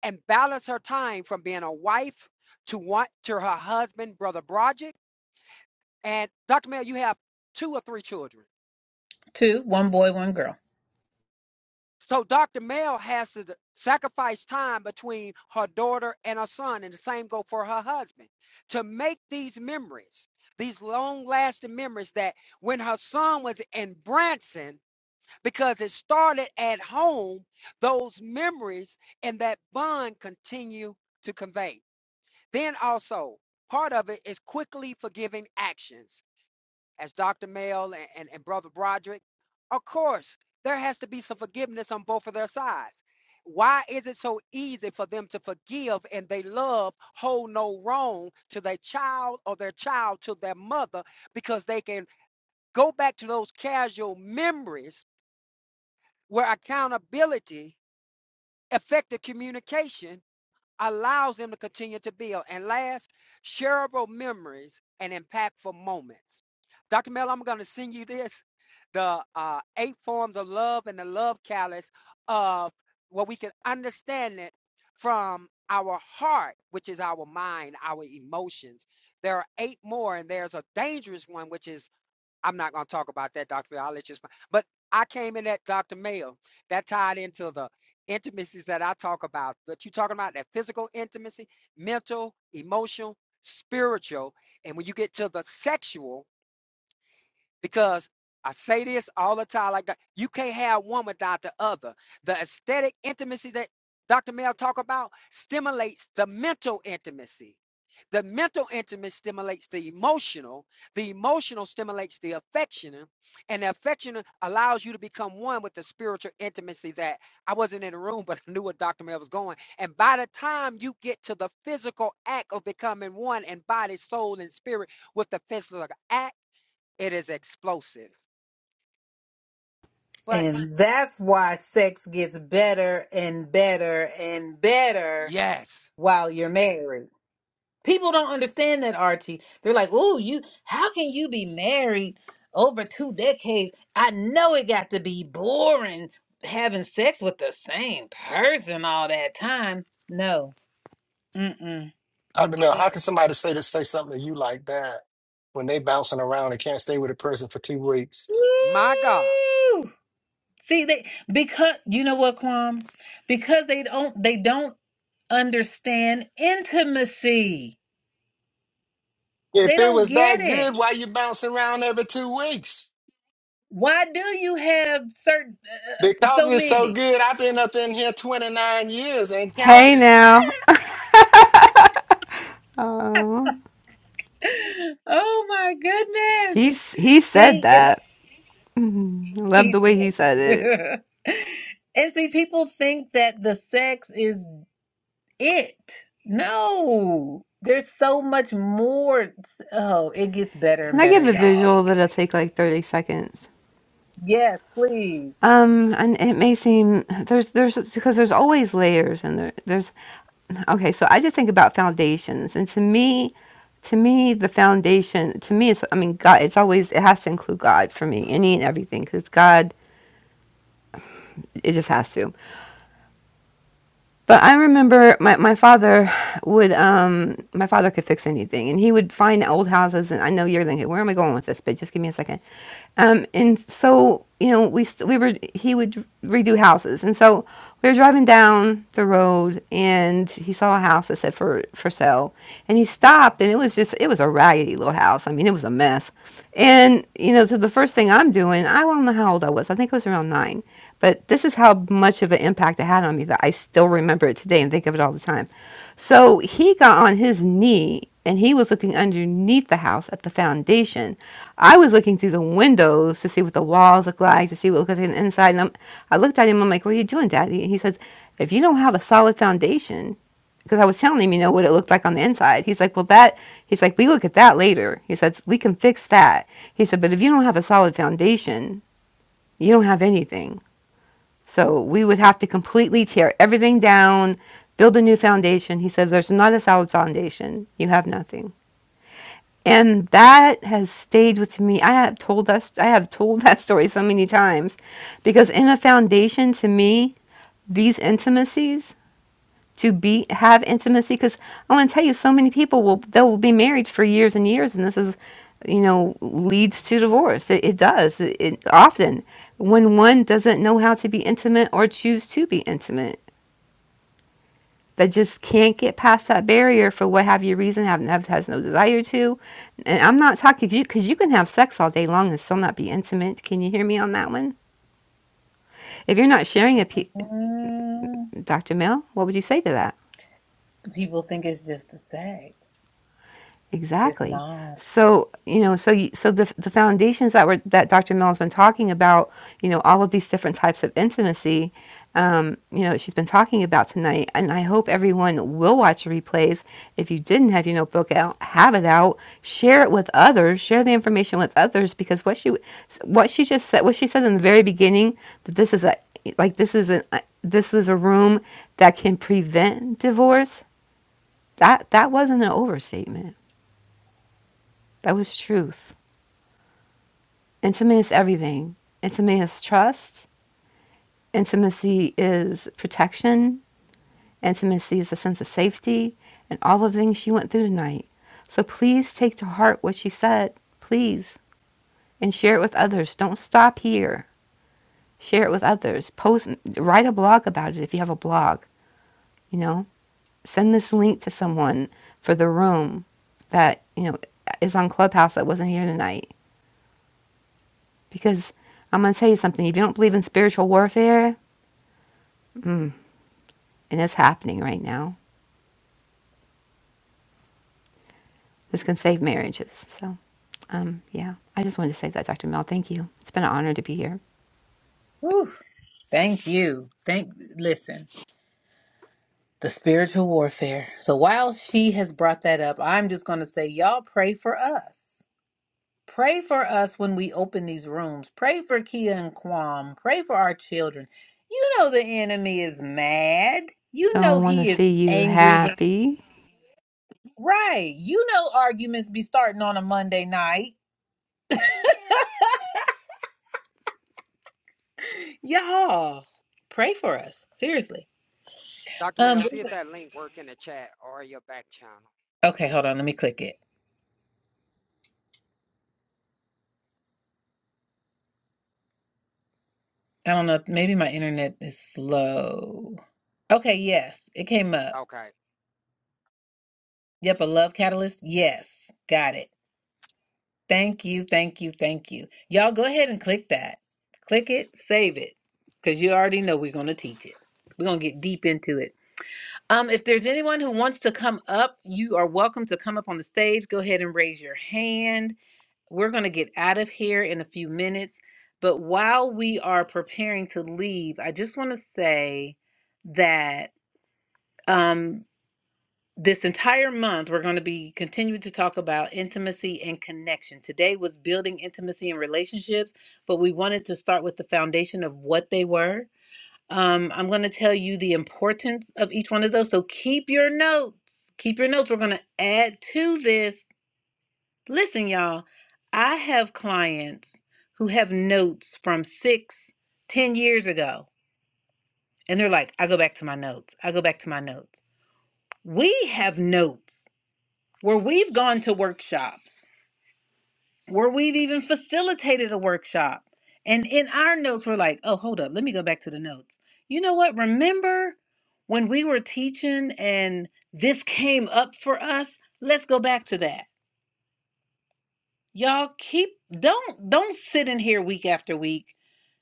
S5: and balance her time from being a wife to want to her husband brother Broderick. and dr mel you have two or three children
S1: Two, one boy, one girl.
S5: So Dr. Mel has to sacrifice time between her daughter and her son, and the same go for her husband, to make these memories, these long-lasting memories that when her son was in Branson, because it started at home, those memories and that bond continue to convey. Then also, part of it is quickly forgiving actions as Dr. Mel and, and, and Brother Broderick, of course, there has to be some forgiveness on both of their sides. Why is it so easy for them to forgive and they love hold no wrong to their child or their child to their mother because they can go back to those casual memories where accountability, effective communication, allows them to continue to build. And last, shareable memories and impactful moments. Dr. Mel, I'm going to send you this the uh, eight forms of love and the love callus of what we can understand it from our heart, which is our mind, our emotions. There are eight more, and there's a dangerous one, which is I'm not going to talk about that, Dr. Phil. I'll let you explain. But I came in at Dr. Mayo. That tied into the intimacies that I talk about. But you are talking about that physical intimacy, mental, emotional, spiritual. And when you get to the sexual, because I say this all the time, like that. You can't have one without the other. The aesthetic intimacy that Dr. Mel talk about stimulates the mental intimacy. The mental intimacy stimulates the emotional. The emotional stimulates the affectional, and the affectional allows you to become one with the spiritual intimacy that I wasn't in the room, but I knew where Dr. Mel was going. And by the time you get to the physical act of becoming one and body, soul, and spirit with the physical act it is explosive. But
S1: And that's why sex gets better and better and better
S5: yes,
S1: while you're married. People don't understand that, Archie. They're like, "Oh, you how can you be married over two decades? I know it got to be boring having sex with the same person all that time." No. Mm-mm.
S4: Dr. Mel, how can somebody say to say something to you like that when they bouncing around and can't stay with a person for two weeks?
S5: my God.
S1: Woo! See, they because you know what, Kwam? Because they don't they don't understand intimacy.
S4: If
S1: They
S4: it
S1: don't
S4: was
S1: get
S4: that good,
S1: it.
S4: why you bouncing around every two weeks?
S1: Why do you have certain
S4: Because it
S1: so
S4: was so
S1: many?
S4: good, I've been up in here 29 years and
S2: Hey
S4: counting.
S2: now. Oh,
S1: Oh my goodness.
S2: he's, he said
S1: See, it's
S2: that. Mhm. Love the way
S1: easy.
S2: he said it.
S1: and see, people think that the sex is it. No, there's so much more. Oh, it gets better
S2: Can
S1: and
S2: I
S1: better,
S2: give a
S1: y'all.
S2: visual that'll take like 30 seconds?
S1: Yes, please.
S2: Um, and it may seem there's there's because there's always layers and there, there's okay. So I just think about foundations, and to me, to me, the foundation to me is I mean God. It's always it has to include God for me, any and everything, because God it just has to. But I remember my, my father would um my father could fix anything and he would find old houses and I know you're thinking where am I going with this but just give me a second. Um and so you know we st- we were he would redo houses and so we were driving down the road and he saw a house that said for for sale and he stopped and it was just it was a raggedy little house. I mean it was a mess. And you know so the first thing I'm doing I don't know how old I was. I think I was around 9 but this is how much of an impact it had on me that I still remember it today and think of it all the time. So he got on his knee and he was looking underneath the house at the foundation. I was looking through the windows to see what the walls look like, to see what looked like on the inside. And I'm, I looked at him, I'm like, What are you doing, Daddy? And he says, If you don't have a solid foundation, because I was telling him, you know, what it looked like on the inside. He's like, well, that, he's like, we look at that later. He says, we can fix that. He said, but if you don't have a solid foundation, you don't have anything. So we would have to completely tear everything down, build a new foundation. He said, There's not a solid foundation. You have nothing. And that has stayed with me. I have told us I have told that story so many times because in a foundation to me, these intimacies to be have intimacy because I want to tell you so many people will they will be married for years and years and this is you know leads to divorce it, it does it, it often when one doesn't know how to be intimate or choose to be intimate that just can't get past that barrier for what have you reason, have, have has no desire to. And I'm not talking to you because you can have sex all day long and still not be intimate. Can you hear me on that one? If you're not sharing a,
S1: Mm,
S2: Dr. Mill, what would you say to that?
S1: people think it's just the sex. It's
S2: Exactly.
S1: not.
S2: So, you know, so you, so the the foundations that were that Dr. Mellon's been talking about, you know, all of these different types of intimacy, um, you know, she's been talking about tonight, and I hope everyone will watch the replays. If you didn't have your notebook out, have it out, share it with others, share the information with others, because what she what she just said, what she said in the very beginning, that this is a like this is an this is a room that can prevent divorce. That that wasn't an overstatement that was truth. Intimacy is everything. Intimacy is trust. Intimacy is protection. Intimacy is a sense of safety and all the things she went through tonight. So please take to heart what she said, please, and share it with others. Don't stop here. Share it with others. Post, write a blog about it if you have a blog, you know. Send this link to someone for the room that, you know, is on Clubhouse that wasn't here tonight. Because I'm going to tell you something. If you don't believe in spiritual warfare, Mm, and it's happening right now. This can save marriages. So, um, yeah, I just wanted to say that, Dr. Mel. Thank you. It's been an honor to be here.
S1: Whew. Thank you. Thank. Listen. the spiritual warfare. So while she has brought that up, I'm just going to say, y'all pray for us. Pray for us when we open these rooms. Pray for Kia and Kwam. Pray for our children. You know the enemy is mad.
S2: So
S1: You
S2: I
S1: know
S2: want
S1: he
S2: to
S1: is
S2: see you
S1: angry. When,
S2: happy.
S1: right. You know arguments be starting on a Monday night. Y'all, pray for us. Seriously.
S5: Dr. Mel,
S1: Um.
S5: see if that link work in the chat or your back channel.
S1: Okay, hold on. Let me click it. I don't know. Maybe my internet is slow. Okay, yes, it came up.
S5: Okay.
S1: Yep, a love catalyst. Yes, got it. Thank you, thank you, thank you. Y'all go ahead and click that. Click it, save it, because you already know we're going to teach it. We're going to get deep into it. Um, if there's anyone who wants to come up, you are welcome to come up on the stage. Go ahead and raise your hand. We're going to get out of here in a few minutes. But while we are preparing to leave, I just want to say that. Um, this entire month we're going to be continuing to talk about intimacy and connection today was building intimacy and relationships but we wanted to start with the foundation of what they were um, i'm going to tell you the importance of each one of those so keep your notes keep your notes we're going to add to this listen y'all i have clients who have notes from six ten years ago and they're like i go back to my notes i go back to my notes we have notes where we've gone to workshops, where we've even facilitated a workshop. And in our notes, we're like, oh, hold up, let me go back to the notes. You know what? Remember when we were teaching and this came up for us? Let's go back to that. Y'all keep don't don't sit in here week after week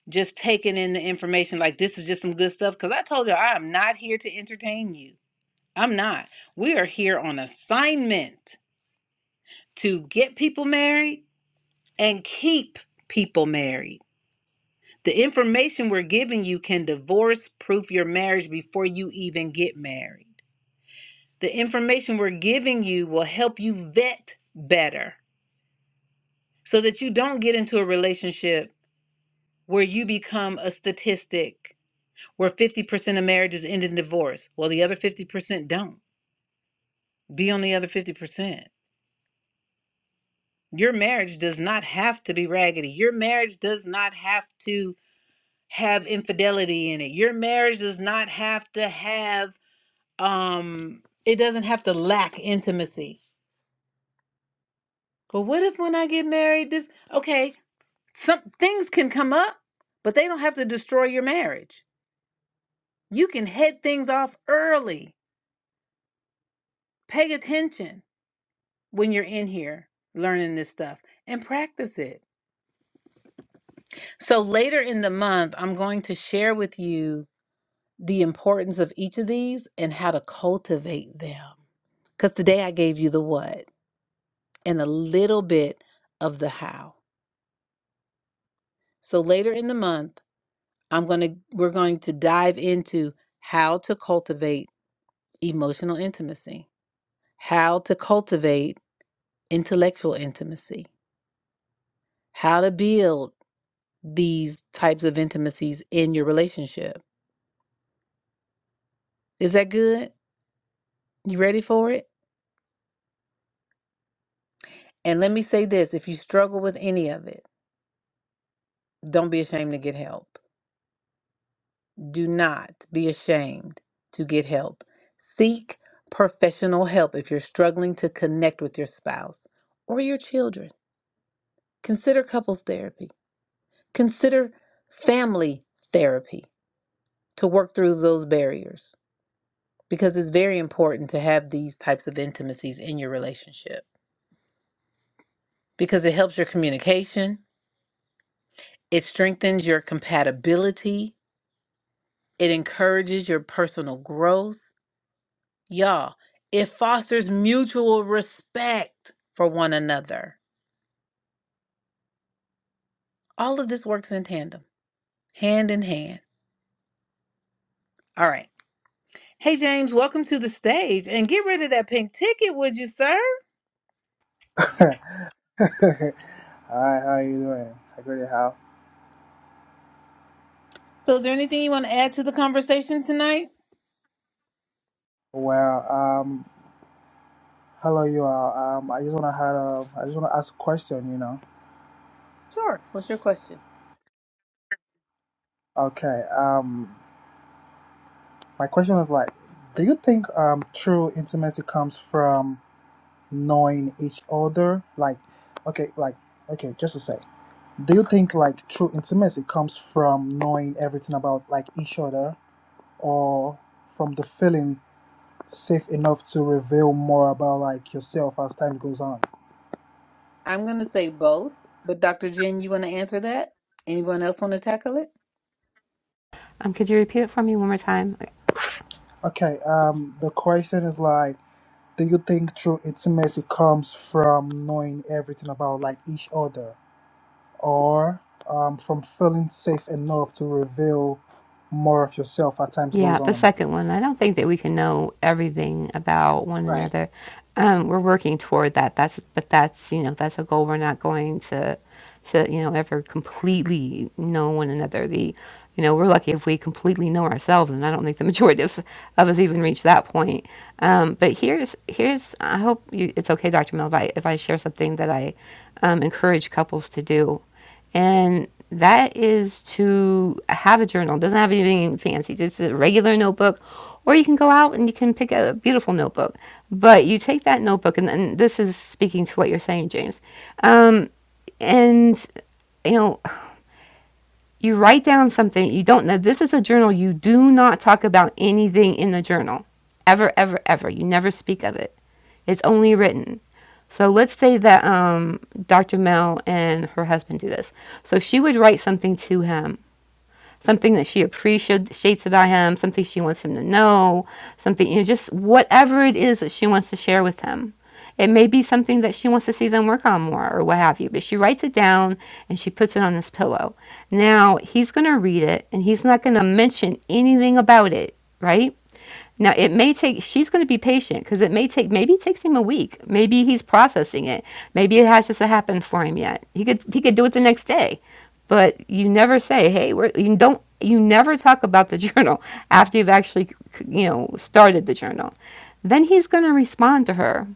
S1: just taking in the information like this is just some good stuff. Cause I told you I am not here to entertain you. I'm not. We are here on assignment to get people married and keep people married. The information we're giving you can divorce proof your marriage before you even get married. The information we're giving you will help you vet better so that you don't get into a relationship where you become a statistic where 50% of marriages end in divorce. Well, the other 50% don't. Be on the other 50%. Your marriage does not have to be raggedy. Your marriage does not have to have infidelity in it. Your marriage does not have to have um it doesn't have to lack intimacy. But what if when I get married this okay, some things can come up, but they don't have to destroy your marriage. You can head things off early. Pay attention when you're in here learning this stuff and practice it. So later in the month, I'm going to share with you the importance of each of these and how to cultivate them. Because today I gave you the what and a little bit of the how. So later in the month, I'm going to we're going to dive into how to cultivate emotional intimacy, how to cultivate intellectual intimacy, how to build these types of intimacies in your relationship. Is that good? You ready for it? And let me say this, if you struggle with any of it, don't be ashamed to get help Do not be ashamed to get help. Seek professional help if you're struggling to connect with your spouse or your children. Consider couples therapy. Consider family therapy to work through those barriers because it's very important to have these types of intimacies in your relationship because it helps your communication, it strengthens your compatibility, it encourages your personal growth Y'all, it fosters mutual respect for one another. All of this works in tandem, hand in hand. All right. Hey, James, welcome to the stage and get rid of that pink ticket, would you, sir?
S6: Hi, how are you doing? I great how.
S1: So, is there anything you want to add to the conversation tonight?
S6: Well, um, hello you all. Um, I just wanna had a, I just wanna ask a question. You know.
S1: Sure. What's your question?
S6: Okay. Um, my question is like, do you think um true intimacy comes from knowing each other? Like, okay, like okay, just to say, do you think like true intimacy comes from knowing everything about like each other, or from the feeling safe enough to reveal more about like yourself as time goes on?
S1: I'm going to say both, but Dr. Jen, you want to answer that? Anyone else want to tackle it?
S2: Um, could you repeat it for me one more time?
S6: Okay, um, the question is like, do you think true intimacy comes from knowing everything about like each other, or um, from feeling safe enough to reveal more of yourself as time
S2: Yeah,
S6: goes
S2: the
S6: on?
S2: second one. I don't think that we can know everything about one
S1: Right.
S2: another. Um, we're working toward that. That's but that's you know that's a goal. We're not going to to you know ever completely know one another. The you know we're lucky if we completely know ourselves, and I don't think the majority of, us- of us even reach that point. Um, but here's here's I hope you, it's okay, Dr. Mel, if I, if I share something that I um, encourage couples to do. And that is to have a journal. It doesn't have anything fancy, just a regular notebook. Or you can go out and you can pick a beautiful notebook. But you take that notebook, and, and this is speaking to what you're saying, James. Um, and, you know, you write down something you don't know. This is a journal. You do not talk about anything in the journal ever, ever, ever. You never speak of it. It's only written. So let's say that um, Dr. Mel and her husband do this. So she would write something to him something that she appreciates about him, something she wants him to know, something, you know, just whatever it is that she wants to share with him. It may be something that she wants to see them work on more or what have you, but she writes it down and she puts it on his pillow. Now he's going to read it and he's not going to mention anything about it, right? Now it may take she's going to be patient because it may take maybe it takes him a week. Maybe he's processing it. Maybe it hasn't happened for him yet. He could he could do it the next day but you never say, "Hey, we're," you don't. You never talk about the journal after you've actually, you know, started the journal. Then he's going to respond to her,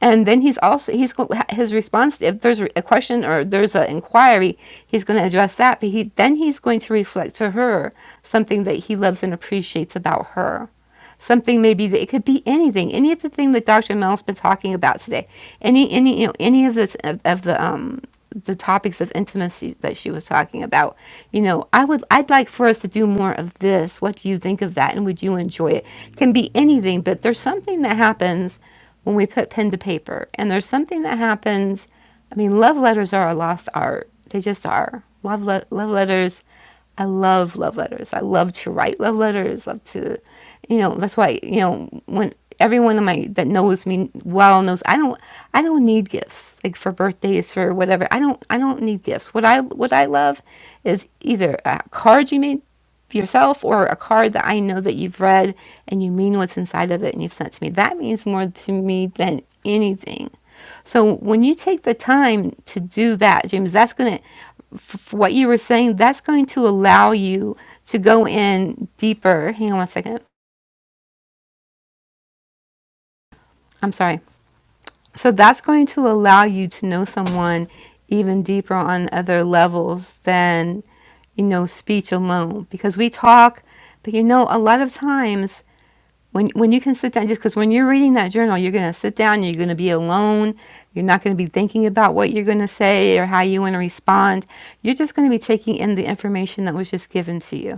S2: and then he's also he's his response. If there's a question or there's an inquiry, he's going to address that. But he then he's going to reflect to her something that he loves and appreciates about her something maybe that it could be anything, any of the thing that Dr. Mel's been talking about today, any any you know any of this of, of the um the topics of intimacy that she was talking about. You know, I would I'd like for us to do more of this. What do you think of that? And would you enjoy it? Can be anything, but there's something that happens when we put pen to paper, and there's something that happens. I mean, love letters are a lost art. They just are. Love le- love letters I love love letters. I love to write love letters. Love to, you know, that's why you know when everyone in my that knows me well knows I don't I don't need gifts like for birthdays for whatever. I don't I don't need gifts. What I what I love is either a card you made yourself or a card that I know that you've read and you mean what's inside of it and you've sent to me. That means more to me than anything. So when you take the time to do that, James, that's going to f- what you were saying, that's going to allow you to go in deeper. Hang on one second. I'm sorry. So that's going to allow you to know someone even deeper on other levels than, you know, speech alone. Because we talk, but you know, a lot of times when when you can sit down, just because when you're reading that journal, you're going to sit down, you're going to be alone. You're not going to be thinking about what you're going to say or how you want to respond. You're just going to be taking in the information that was just given to you.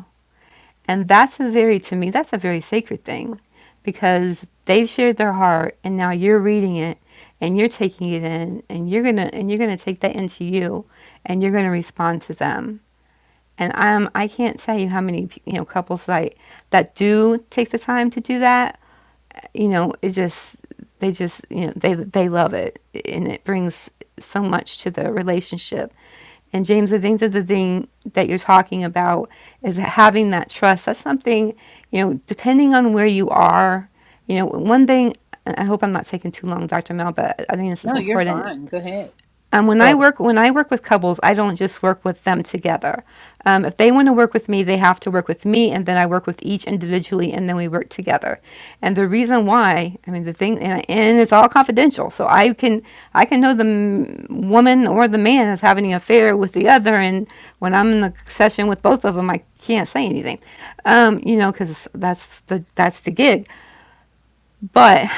S2: And that's a very, to me, that's a very sacred thing because they've shared their heart and now you're reading it and you're taking it in and you're going to, and you're going to take that into you and you're going to respond to them. And I'm, I can't tell you how many, you know, couples like that do take the time to do that. You know, it just, they just, you know, they, they love it and it brings so much to the relationship and James, I think that the thing that you're talking about is having that trust. That's something, you know, depending on where you are, you know, one thing, and I hope I'm not taking too long, Dr. Mel, but I think this is
S1: No, you're
S2: important.
S1: fine. Go ahead.
S2: Um, when
S6: Oh,
S2: I work when I work with couples, I don't just work with them together. Um, if they want to work with me, they have to work with me, and then I work with each individually, and then we work together. And the reason why, I mean, the thing, and, and it's all confidential, so I can I can know the m- woman or the man is having an affair with the other, and when I'm in the session with both of them, I can't say anything, um, you know, because that's the that's the gig. But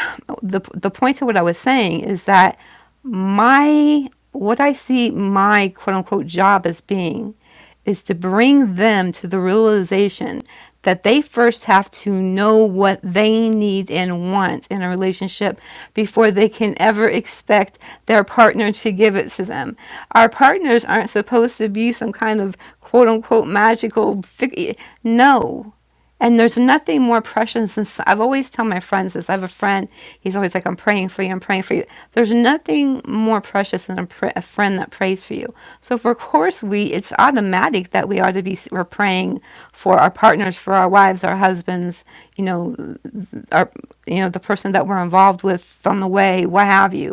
S2: the the point to what I was saying is that my what I see my quote unquote job as being is to bring them to the realization that they first have to know what they need and want in a relationship before they can ever expect their partner to give it to them. Our partners aren't supposed to be some kind of quote unquote magical fig- no and there's nothing more precious than i I've always tell my friends this. I have a friend. He's always like, "I'm praying for you. I'm praying for you." There's nothing more precious than a, pr- a friend that prays for you. So, for of course, we it's automatic that we ought to be we're praying for our partners, for our wives, our husbands, you know, our you know the person that we're involved with on the way, what have you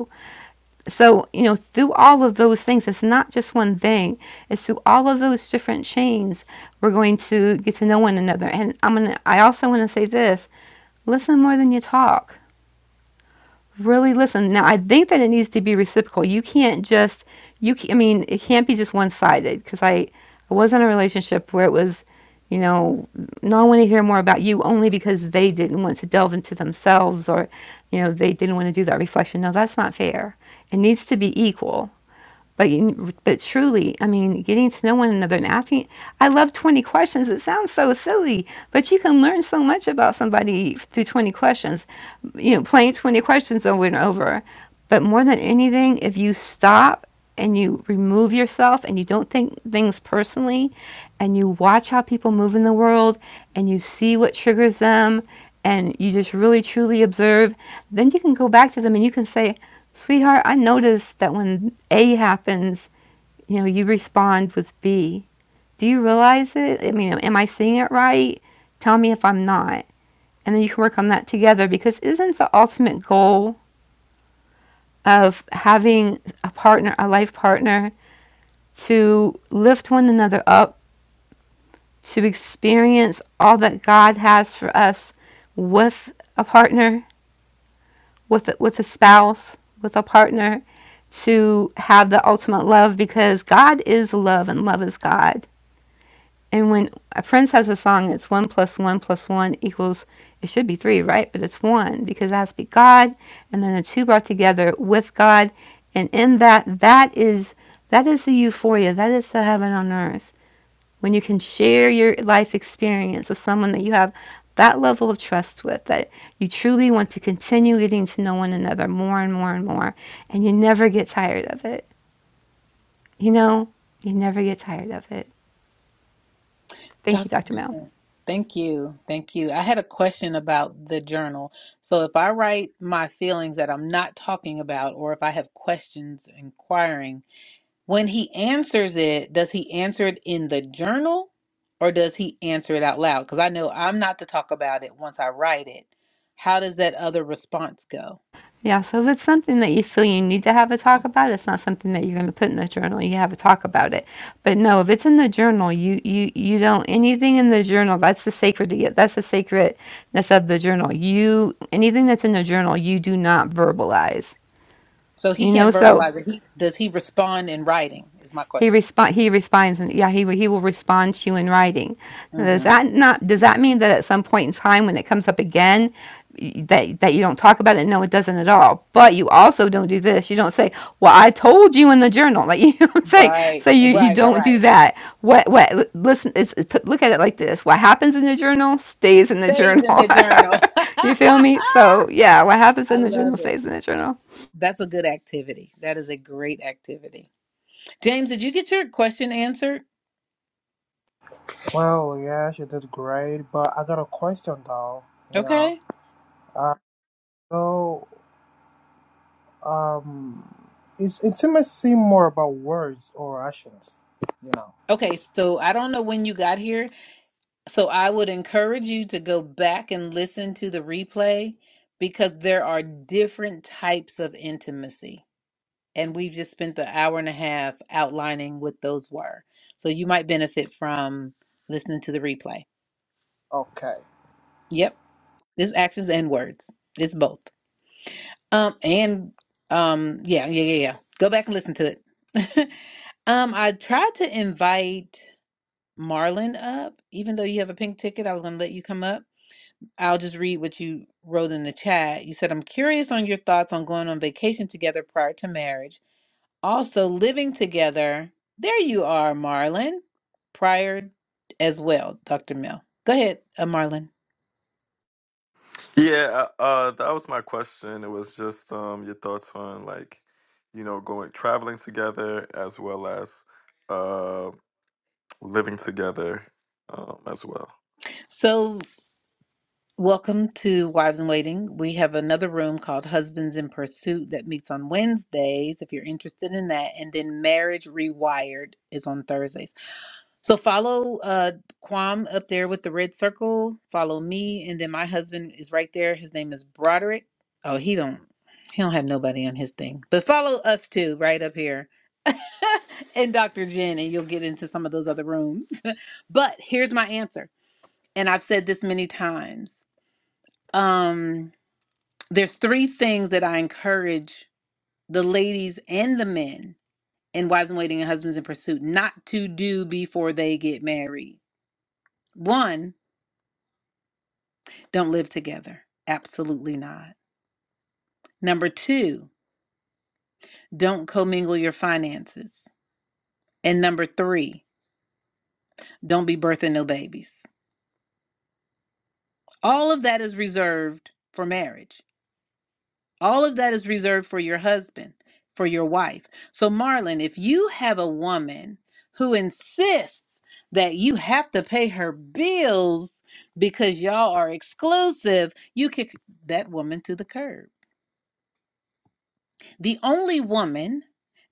S2: so you know through all of those things it's not just one thing it's through all of those different chains we're going to get to know one another and i'm gonna i also want to say this listen more than you talk really listen now i think that it needs to be reciprocal you can't just you ca- i mean it can't be just one-sided because i i was in a relationship where it was you know no i want to hear more about you only because they didn't want to delve into themselves or you know they didn't want to do that reflection no that's not fair it needs to be equal but you, but truly, I mean, getting to know one another and asking. I love twenty questions. It sounds so silly, but you can learn so much about somebody through twenty questions. You know, playing twenty questions over and over. But more than anything, if you stop and you remove yourself and you don't think things personally, and you watch how people move in the world, and you see what triggers them, and you just really truly observe, then you can go back to them and you can say, Sweetheart, I noticed that when a happens, you know, you respond with B. Do you realize it? I mean, am I seeing it right? Tell me if I'm not. And then you can work on that together because isn't the ultimate goal of having a partner, a life partner, to lift one another up, to experience all that God has for us with a partner, with with a spouse, with a partner, to have the ultimate love because God is love and love is God. And when a Prince has a song it's one plus one plus one equals, it should be three, right? But it's one because it has to be God and then the two brought together with God. And in that, that is that is the euphoria. That is the heaven on earth. When you can share your life experience with someone that you have that level of trust with, that you truly want to continue getting to know one another more and more and more. And you never get tired of it. You know, you never get tired of it. Thank you,
S1: Dr.
S2: Dr. Mel.
S1: Jen, thank you. Thank you. I had a question about the journal. So, if I write my feelings that I'm not talking about, or if I have questions inquiring, when he answers it, does he answer it in the journal or does he answer it out loud? Because I know I'm not to talk about it once I write it. How does that other response go?
S2: Yeah, so if it's something that you feel you need to have a talk about, it's not something that you're going to put in the journal. You have a talk about it. But no, if it's in the journal, you you you don't anything in the journal. That's the sacred. That's the sacredness of the journal. You anything that's in the journal, you do not verbalize.
S1: So, he
S2: You know,
S1: can't
S2: so
S1: verbalize it. He, does he respond in writing? Is my
S2: He
S1: question.
S2: respond. He responds, and yeah, he he will respond to you in writing. Now, does
S1: hmm
S2: that not? Does that mean that at some point in time, when it comes up again, that that you don't talk about it? No, it doesn't at all. But you also don't do this. You don't say, "Well, I told you in the journal." Like you know what I'm saying.
S1: Right,
S2: So you you
S1: right, right,
S2: don't
S1: right.
S2: do that. What what? Listen, it's, it's put, look at it like this. What happens in the journal stays in the
S1: Stays in
S2: journal.
S1: the journal.
S2: you feel me? So yeah, what happens
S1: I
S2: in the journal
S1: love it.
S2: stays in the journal.
S1: That's a good activity. That is a great activity. James, did you get your question answered?
S6: Well, yeah, she did great, but I got a question though. You know,
S1: Okay.
S6: uh, so Um, is intimacy more about words or actions? You know.
S1: Okay, so I don't know when you got here. So I would encourage you to go back and listen to the replay because there are different types of intimacy. And we've just spent the hour and a half outlining what those were. So you might benefit from listening to the replay.
S6: Okay.
S1: Yep. It's actions and words. It's both. Um, and um, yeah, yeah, yeah, yeah. Go back and listen to it. um, I tried to invite Marlon up, even though you have a pink ticket. I was gonna let you come up. I'll just read what you wrote in the chat. You said, "I'm curious on your thoughts on going on vacation together prior to marriage, also living together." There you are, Marlon. Prior as well, Dr. Mill. Go ahead, uh, Marlon.
S7: Yeah, uh, uh, that was my question. It was just um, your thoughts on like, you know, going traveling together as well as uh, living together um, as well.
S1: So Welcome to Wives in Waiting. We have another room called Husbands in Pursuit that meets on Wednesdays if you're interested in that. And then Marriage Rewired is on Thursdays. So follow uh, Quam up there with the red circle. Follow me. And then my husband is right there. His name is Broderick. Oh, he don't. He don't have nobody on his thing. But follow us too, right up here. and Dr. Jen, and you'll get into some of those other rooms. but here's my answer. And I've said this many times. Um there's three things that I encourage the ladies and the men and wives in waiting and husbands in pursuit not to do before they get married. One, don't live together. Absolutely not. Number two, don't commingle your finances. And number three, don't be birthing no babies. All of that is reserved for marriage. All of that is reserved for your husband, for your wife. So, Marlon, if you have a woman who insists that you have to pay her bills because y'all are exclusive, you kick that woman to the curb. The only woman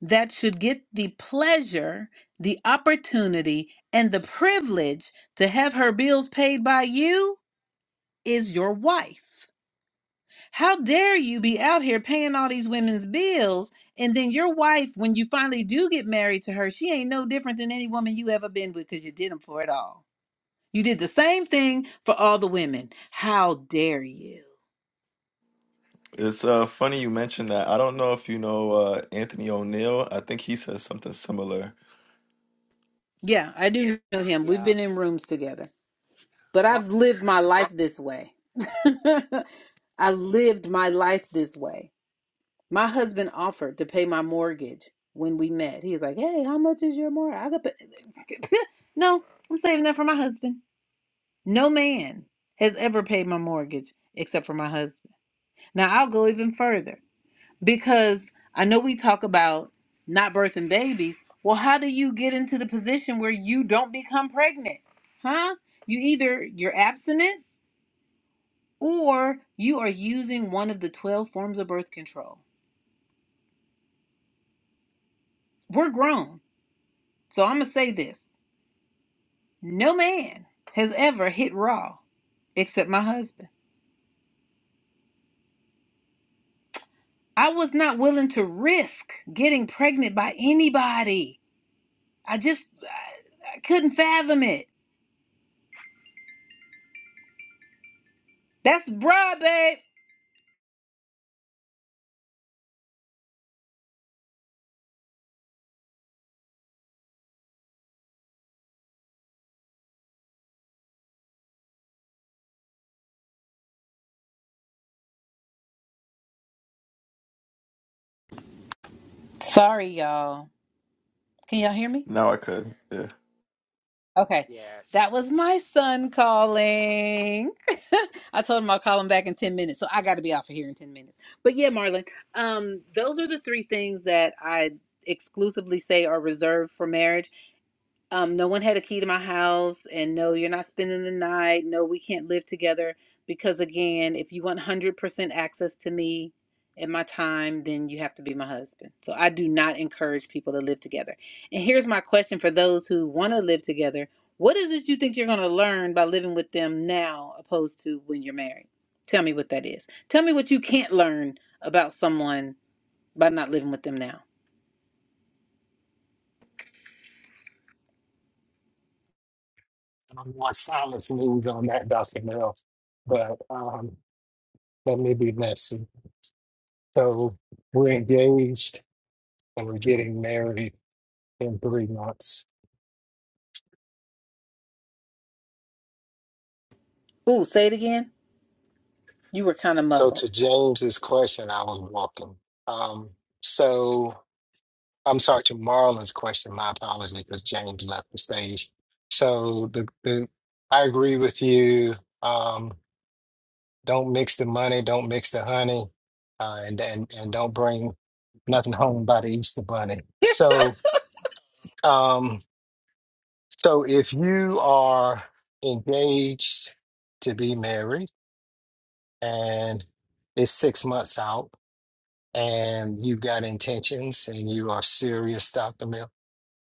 S1: that should get the pleasure, the opportunity, and the privilege to have her bills paid by you is your wife. How dare you be out here paying all these women's bills? And then your wife, when you finally do get married to her, she ain't no different than any woman you ever been with because you did them for it all. You did the same thing for all the women. How dare you?
S7: It's uh, funny you mentioned that. I don't know if you know uh, Anthony O'Neill. I think he says something similar.
S1: Yeah, I do know him. We've
S5: Yeah.
S1: been in rooms together, but
S5: Mo-
S1: I've lived my life this way. I lived my life this way. My husband offered to pay my mortgage when we met. He was like, "Hey, how much is your mortgage?" I could pay. no, I'm saving that for my husband. No man has ever paid my mortgage except for my husband. Now I'll go even further because I know we talk about not birthing babies. Well, how do you get into the position where you don't become pregnant? Huh? You either you're abstinent or you are using one of the 12 forms of birth control. We're grown. So I'm going to say this. No man has ever hit raw except my husband. I was not willing to risk getting pregnant by anybody. I just I, I couldn't fathom it. That's broad, babe. Sorry, y'all. Can y'all hear me?
S7: Now I could. Yeah.
S1: Okay. That
S5: yes.
S1: was my son calling. I told him I'll call him back in 10 minutes. So I got to be off of here in 10 minutes. But yeah, Marlon, um, those are the three things that I exclusively say are reserved for marriage um, no one had a key to my house, and no, you're not spending the night. No, we can't live together because, again, if you want 100% access to me and my time, then you have to be my husband. So I do not encourage people to live together. And here's my question for those who want to live together What is it you think you're going to learn by living with them now opposed to when you're married? Tell me what that is. Tell me what you can't learn about someone by not living with them now.
S4: I am more silence news on that, Dr. Mel, but um, let me be messy. So we're engaged and we're getting married in three months.
S1: Ooh, say it again. You were kind of
S4: So
S1: muffled.
S4: to James's question, I was walking. Um, so I'm sorry to Marlon's question. My apology because James left the stage. So the, the I agree with you. Um, don't mix the money, don't mix the honey, uh, and, and and don't bring nothing home by the Easter bunny. So Um, so if you are engaged to be married and it's six months out and you've got intentions and you are serious, Dr. Mill,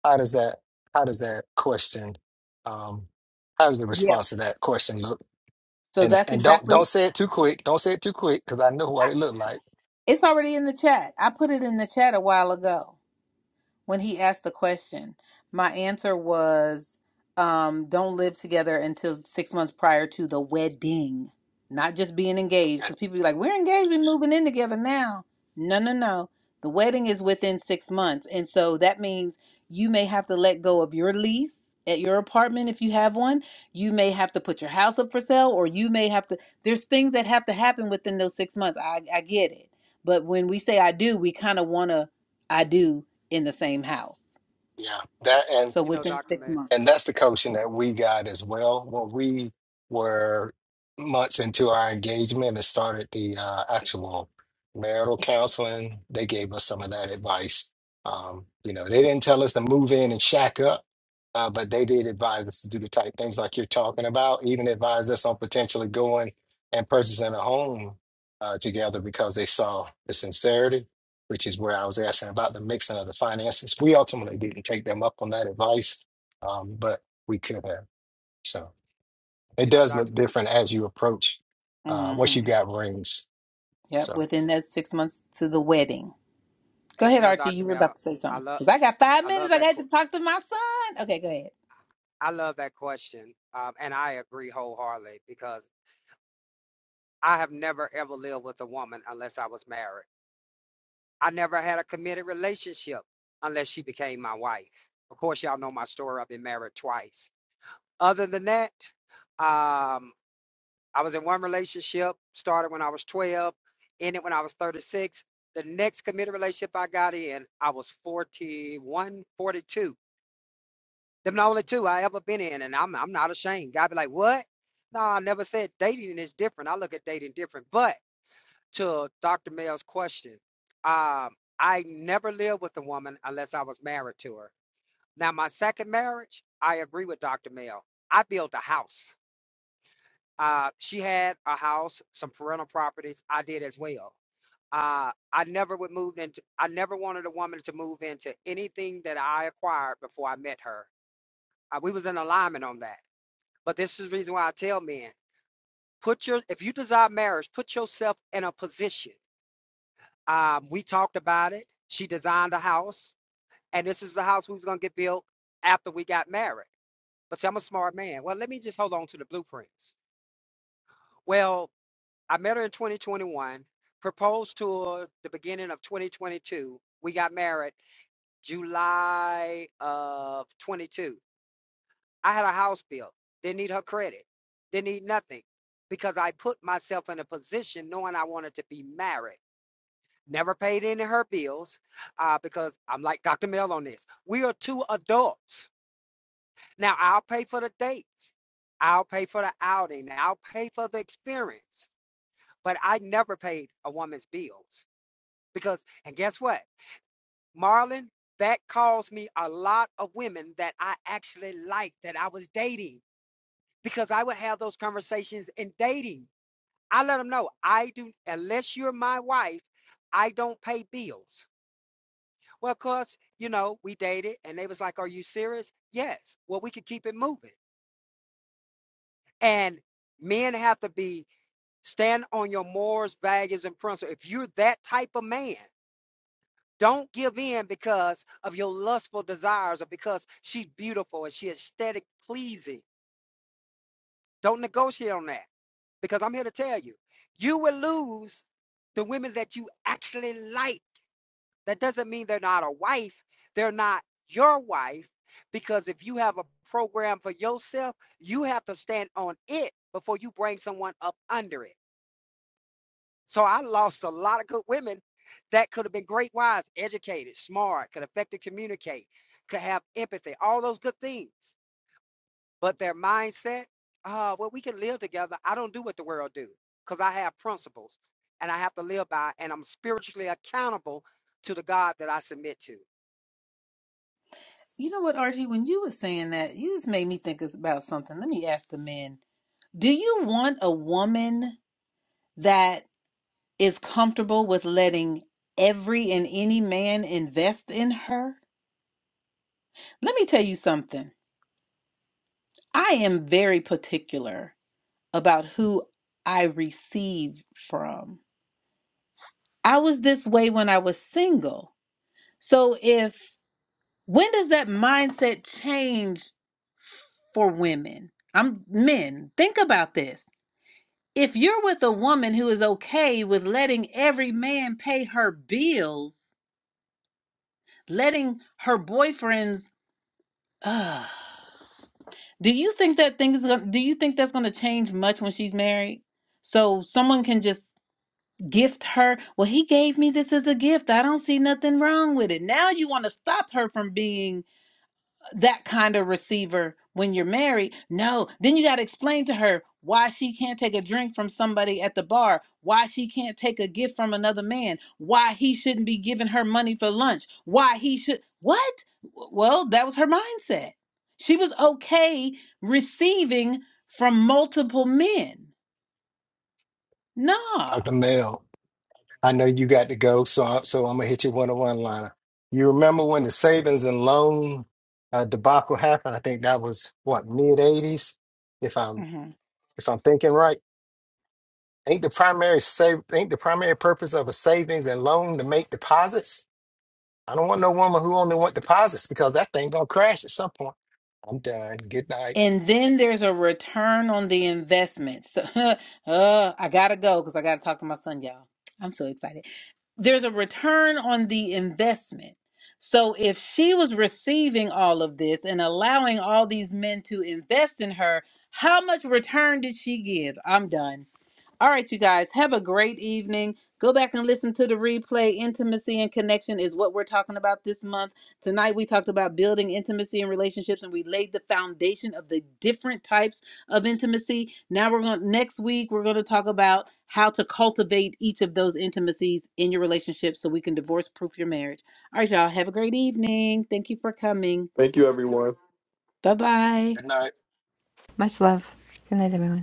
S4: how does that how does that question um how does the
S1: Yeah.
S4: response to that question look?
S1: So
S4: And
S1: that's
S4: and don't
S1: exactly
S4: don't say it too quick. Don't say it too quick because I know what it looked like.
S1: It's already in the chat. I put it in the chat a while ago when he asked the question, my answer was, um, don't live together until six months prior to the wedding, not just being engaged. Because people be like, we're engaged, we're moving in together now. No, no, no. The wedding is within six months. And so that means you may have to let go of your lease at your apartment if you have one. You may have to put your house up for sale, or you may have to, there's things that have to happen within those six months. I, I get it. But when we say I do, we kind of want to, I do in the same house.
S4: Yeah. That
S1: So
S5: You know,
S1: within
S5: Dr.
S1: six
S5: Mel,
S4: And
S1: months.
S4: that's the coaching that we got as well. When we were months into our engagement and started the uh, actual marital counseling, they gave us some of that advice. Um, you know, they didn't tell us to move in and shack up, uh, but they did advise us to do the type things like you're talking about, even advised us on potentially going and purchasing a home uh, together because they saw the sincerity, which is where I was asking about the mixing of the finances. We ultimately didn't take them up on that advice um, but we could have. So it
S5: you know,
S4: does look
S5: Dr.
S4: different as you approach uh,
S1: hmm
S4: once you got rings.
S1: Yep,
S4: So
S1: within that six months to the wedding. Go
S5: and you
S1: ahead,
S5: know,
S1: Archie.
S5: Dr.
S1: You were
S5: Mel,
S1: about to say
S5: I
S1: something.
S5: love,
S1: Because I got five
S5: I
S1: minutes.
S5: love
S1: I
S5: that.
S1: got to
S5: que-
S1: talk to my son. Okay, go ahead.
S5: I love that question. Um, and I agree wholeheartedly because I have never ever lived with a woman unless I was married. I never had a committed relationship unless she became my wife. Of course, y'all know my story. I've been married twice. Other than that, um, I was in one relationship, started when I was 12, ended when I was 36. The next committed relationship I got in, I was forty 42. Them the only two I ever been in, and I'm I'm not ashamed. God be like, what? No, I never said dating is different. I look at dating different. But to Dr. Mel's question, um, I never lived with a woman unless I was married to her. Now my second marriage, I agree with Dr. Mel. I built a house. Uh, she had a house, some parental properties. I did as well. Uh, I never would move into. I never wanted a woman to move into anything that I acquired before I met her. Uh, we was in alignment on that. But this is the reason why I tell men: put your if you desire marriage, put yourself in a position. Um, we talked about it. She designed a house, and this is the house we was gonna get built after we got married. But see, I'm a smart man. Well, let me just hold on to the blueprints. Well, I met her in 2021, proposed to her the beginning of 2022. We got married July of 22. I had a house bill. Didn't need her credit. Didn't need nothing because I put myself in a position knowing I wanted to be married. Never paid any of her bills uh, because I'm like Dr. Mel on this. We are two adults. Now I'll pay for the dates. I'll pay for the outing. I'll pay for the experience. But I never paid a woman's bills. Because, and guess what, Marlon, that caused me a lot of women that I actually liked that I was dating because I would have those conversations in dating. I let them know I do, unless you're my wife, I don't pay bills. Well, of course, you know, we dated and they was like, Are you serious? Yes. Well, we could keep it moving. And men have to be stand on your morals, values, and principles. If you're that type of man, Don't give in because of your lustful desires or because she's beautiful and she's aesthetic pleasing. Don't negotiate on that because I'm here to tell you, you will lose the women that you actually like. That doesn't mean they're not a wife, they're not your wife because if you have a program for yourself, you have to stand on it before you bring someone up under it. So I lost a lot of good women that could have been great wives, educated, smart, could effectively communicate, could have empathy, all those good things. But their mindset, uh, well, we can live together. I don't do what the world do because I have principles and I have to live by, and I'm spiritually accountable to the God that I submit to.
S1: You know what, Archie? When you were saying that, you just made me think it's about something. Let me ask the men Do you want a woman that is comfortable with letting every and any man invest in her? Let me tell you something. I am very particular about who I receive from. I was this way when I was single. So if when does that mindset change for women? I'm men. Think about this. If you're with a woman who is okay with letting every man pay her bills, letting her boyfriends uh, do you think that thing is gonna, do you think that's going to change much when she's married? So someone can just gift her. Well, he gave me this as a gift. I don't see nothing wrong with it. Now you want to stop her from being that kind of receiver when you're married. No, then you got to explain to her why she can't take a drink from somebody at the bar, why she can't take a gift from another man, why he shouldn't be giving her money for lunch, why he should. What? Well, that was her mindset. She was okay receiving from multiple men. Nah.
S4: Dr. Mel, I know you got to go, so I, so I'm gonna hit you one on one liner. You remember when the savings and loan uh, debacle happened? I think that was what mid '80s, if I'm if I'm thinking right. Ain't the primary save ain't the primary purpose of a savings and loan to make deposits? I don't want no woman who only want deposits because that thing gonna crash at some point. I'm done. Good night.
S1: And then there's a return on the investment. So, uh, I gotta go because I gotta talk to my son, y'all. I'm so excited. There's a return on the investment. So if she was receiving all of this and allowing all these men to invest in her, how much return did she give? I'm done. All right, you guys, have a great evening. Go back and listen to the replay. Intimacy and connection is what we're talking about this month. Tonight, we talked about building intimacy and relationships, and we laid the foundation of the different types of intimacy. Now, we're going next week, we're going to talk about how to cultivate each of those intimacies in your relationship so we can divorce proof your marriage. All right, y'all, have a great evening. Thank you for coming.
S7: Thank you, everyone.
S1: Bye bye.
S4: Good night.
S2: Much love. Good night, everyone.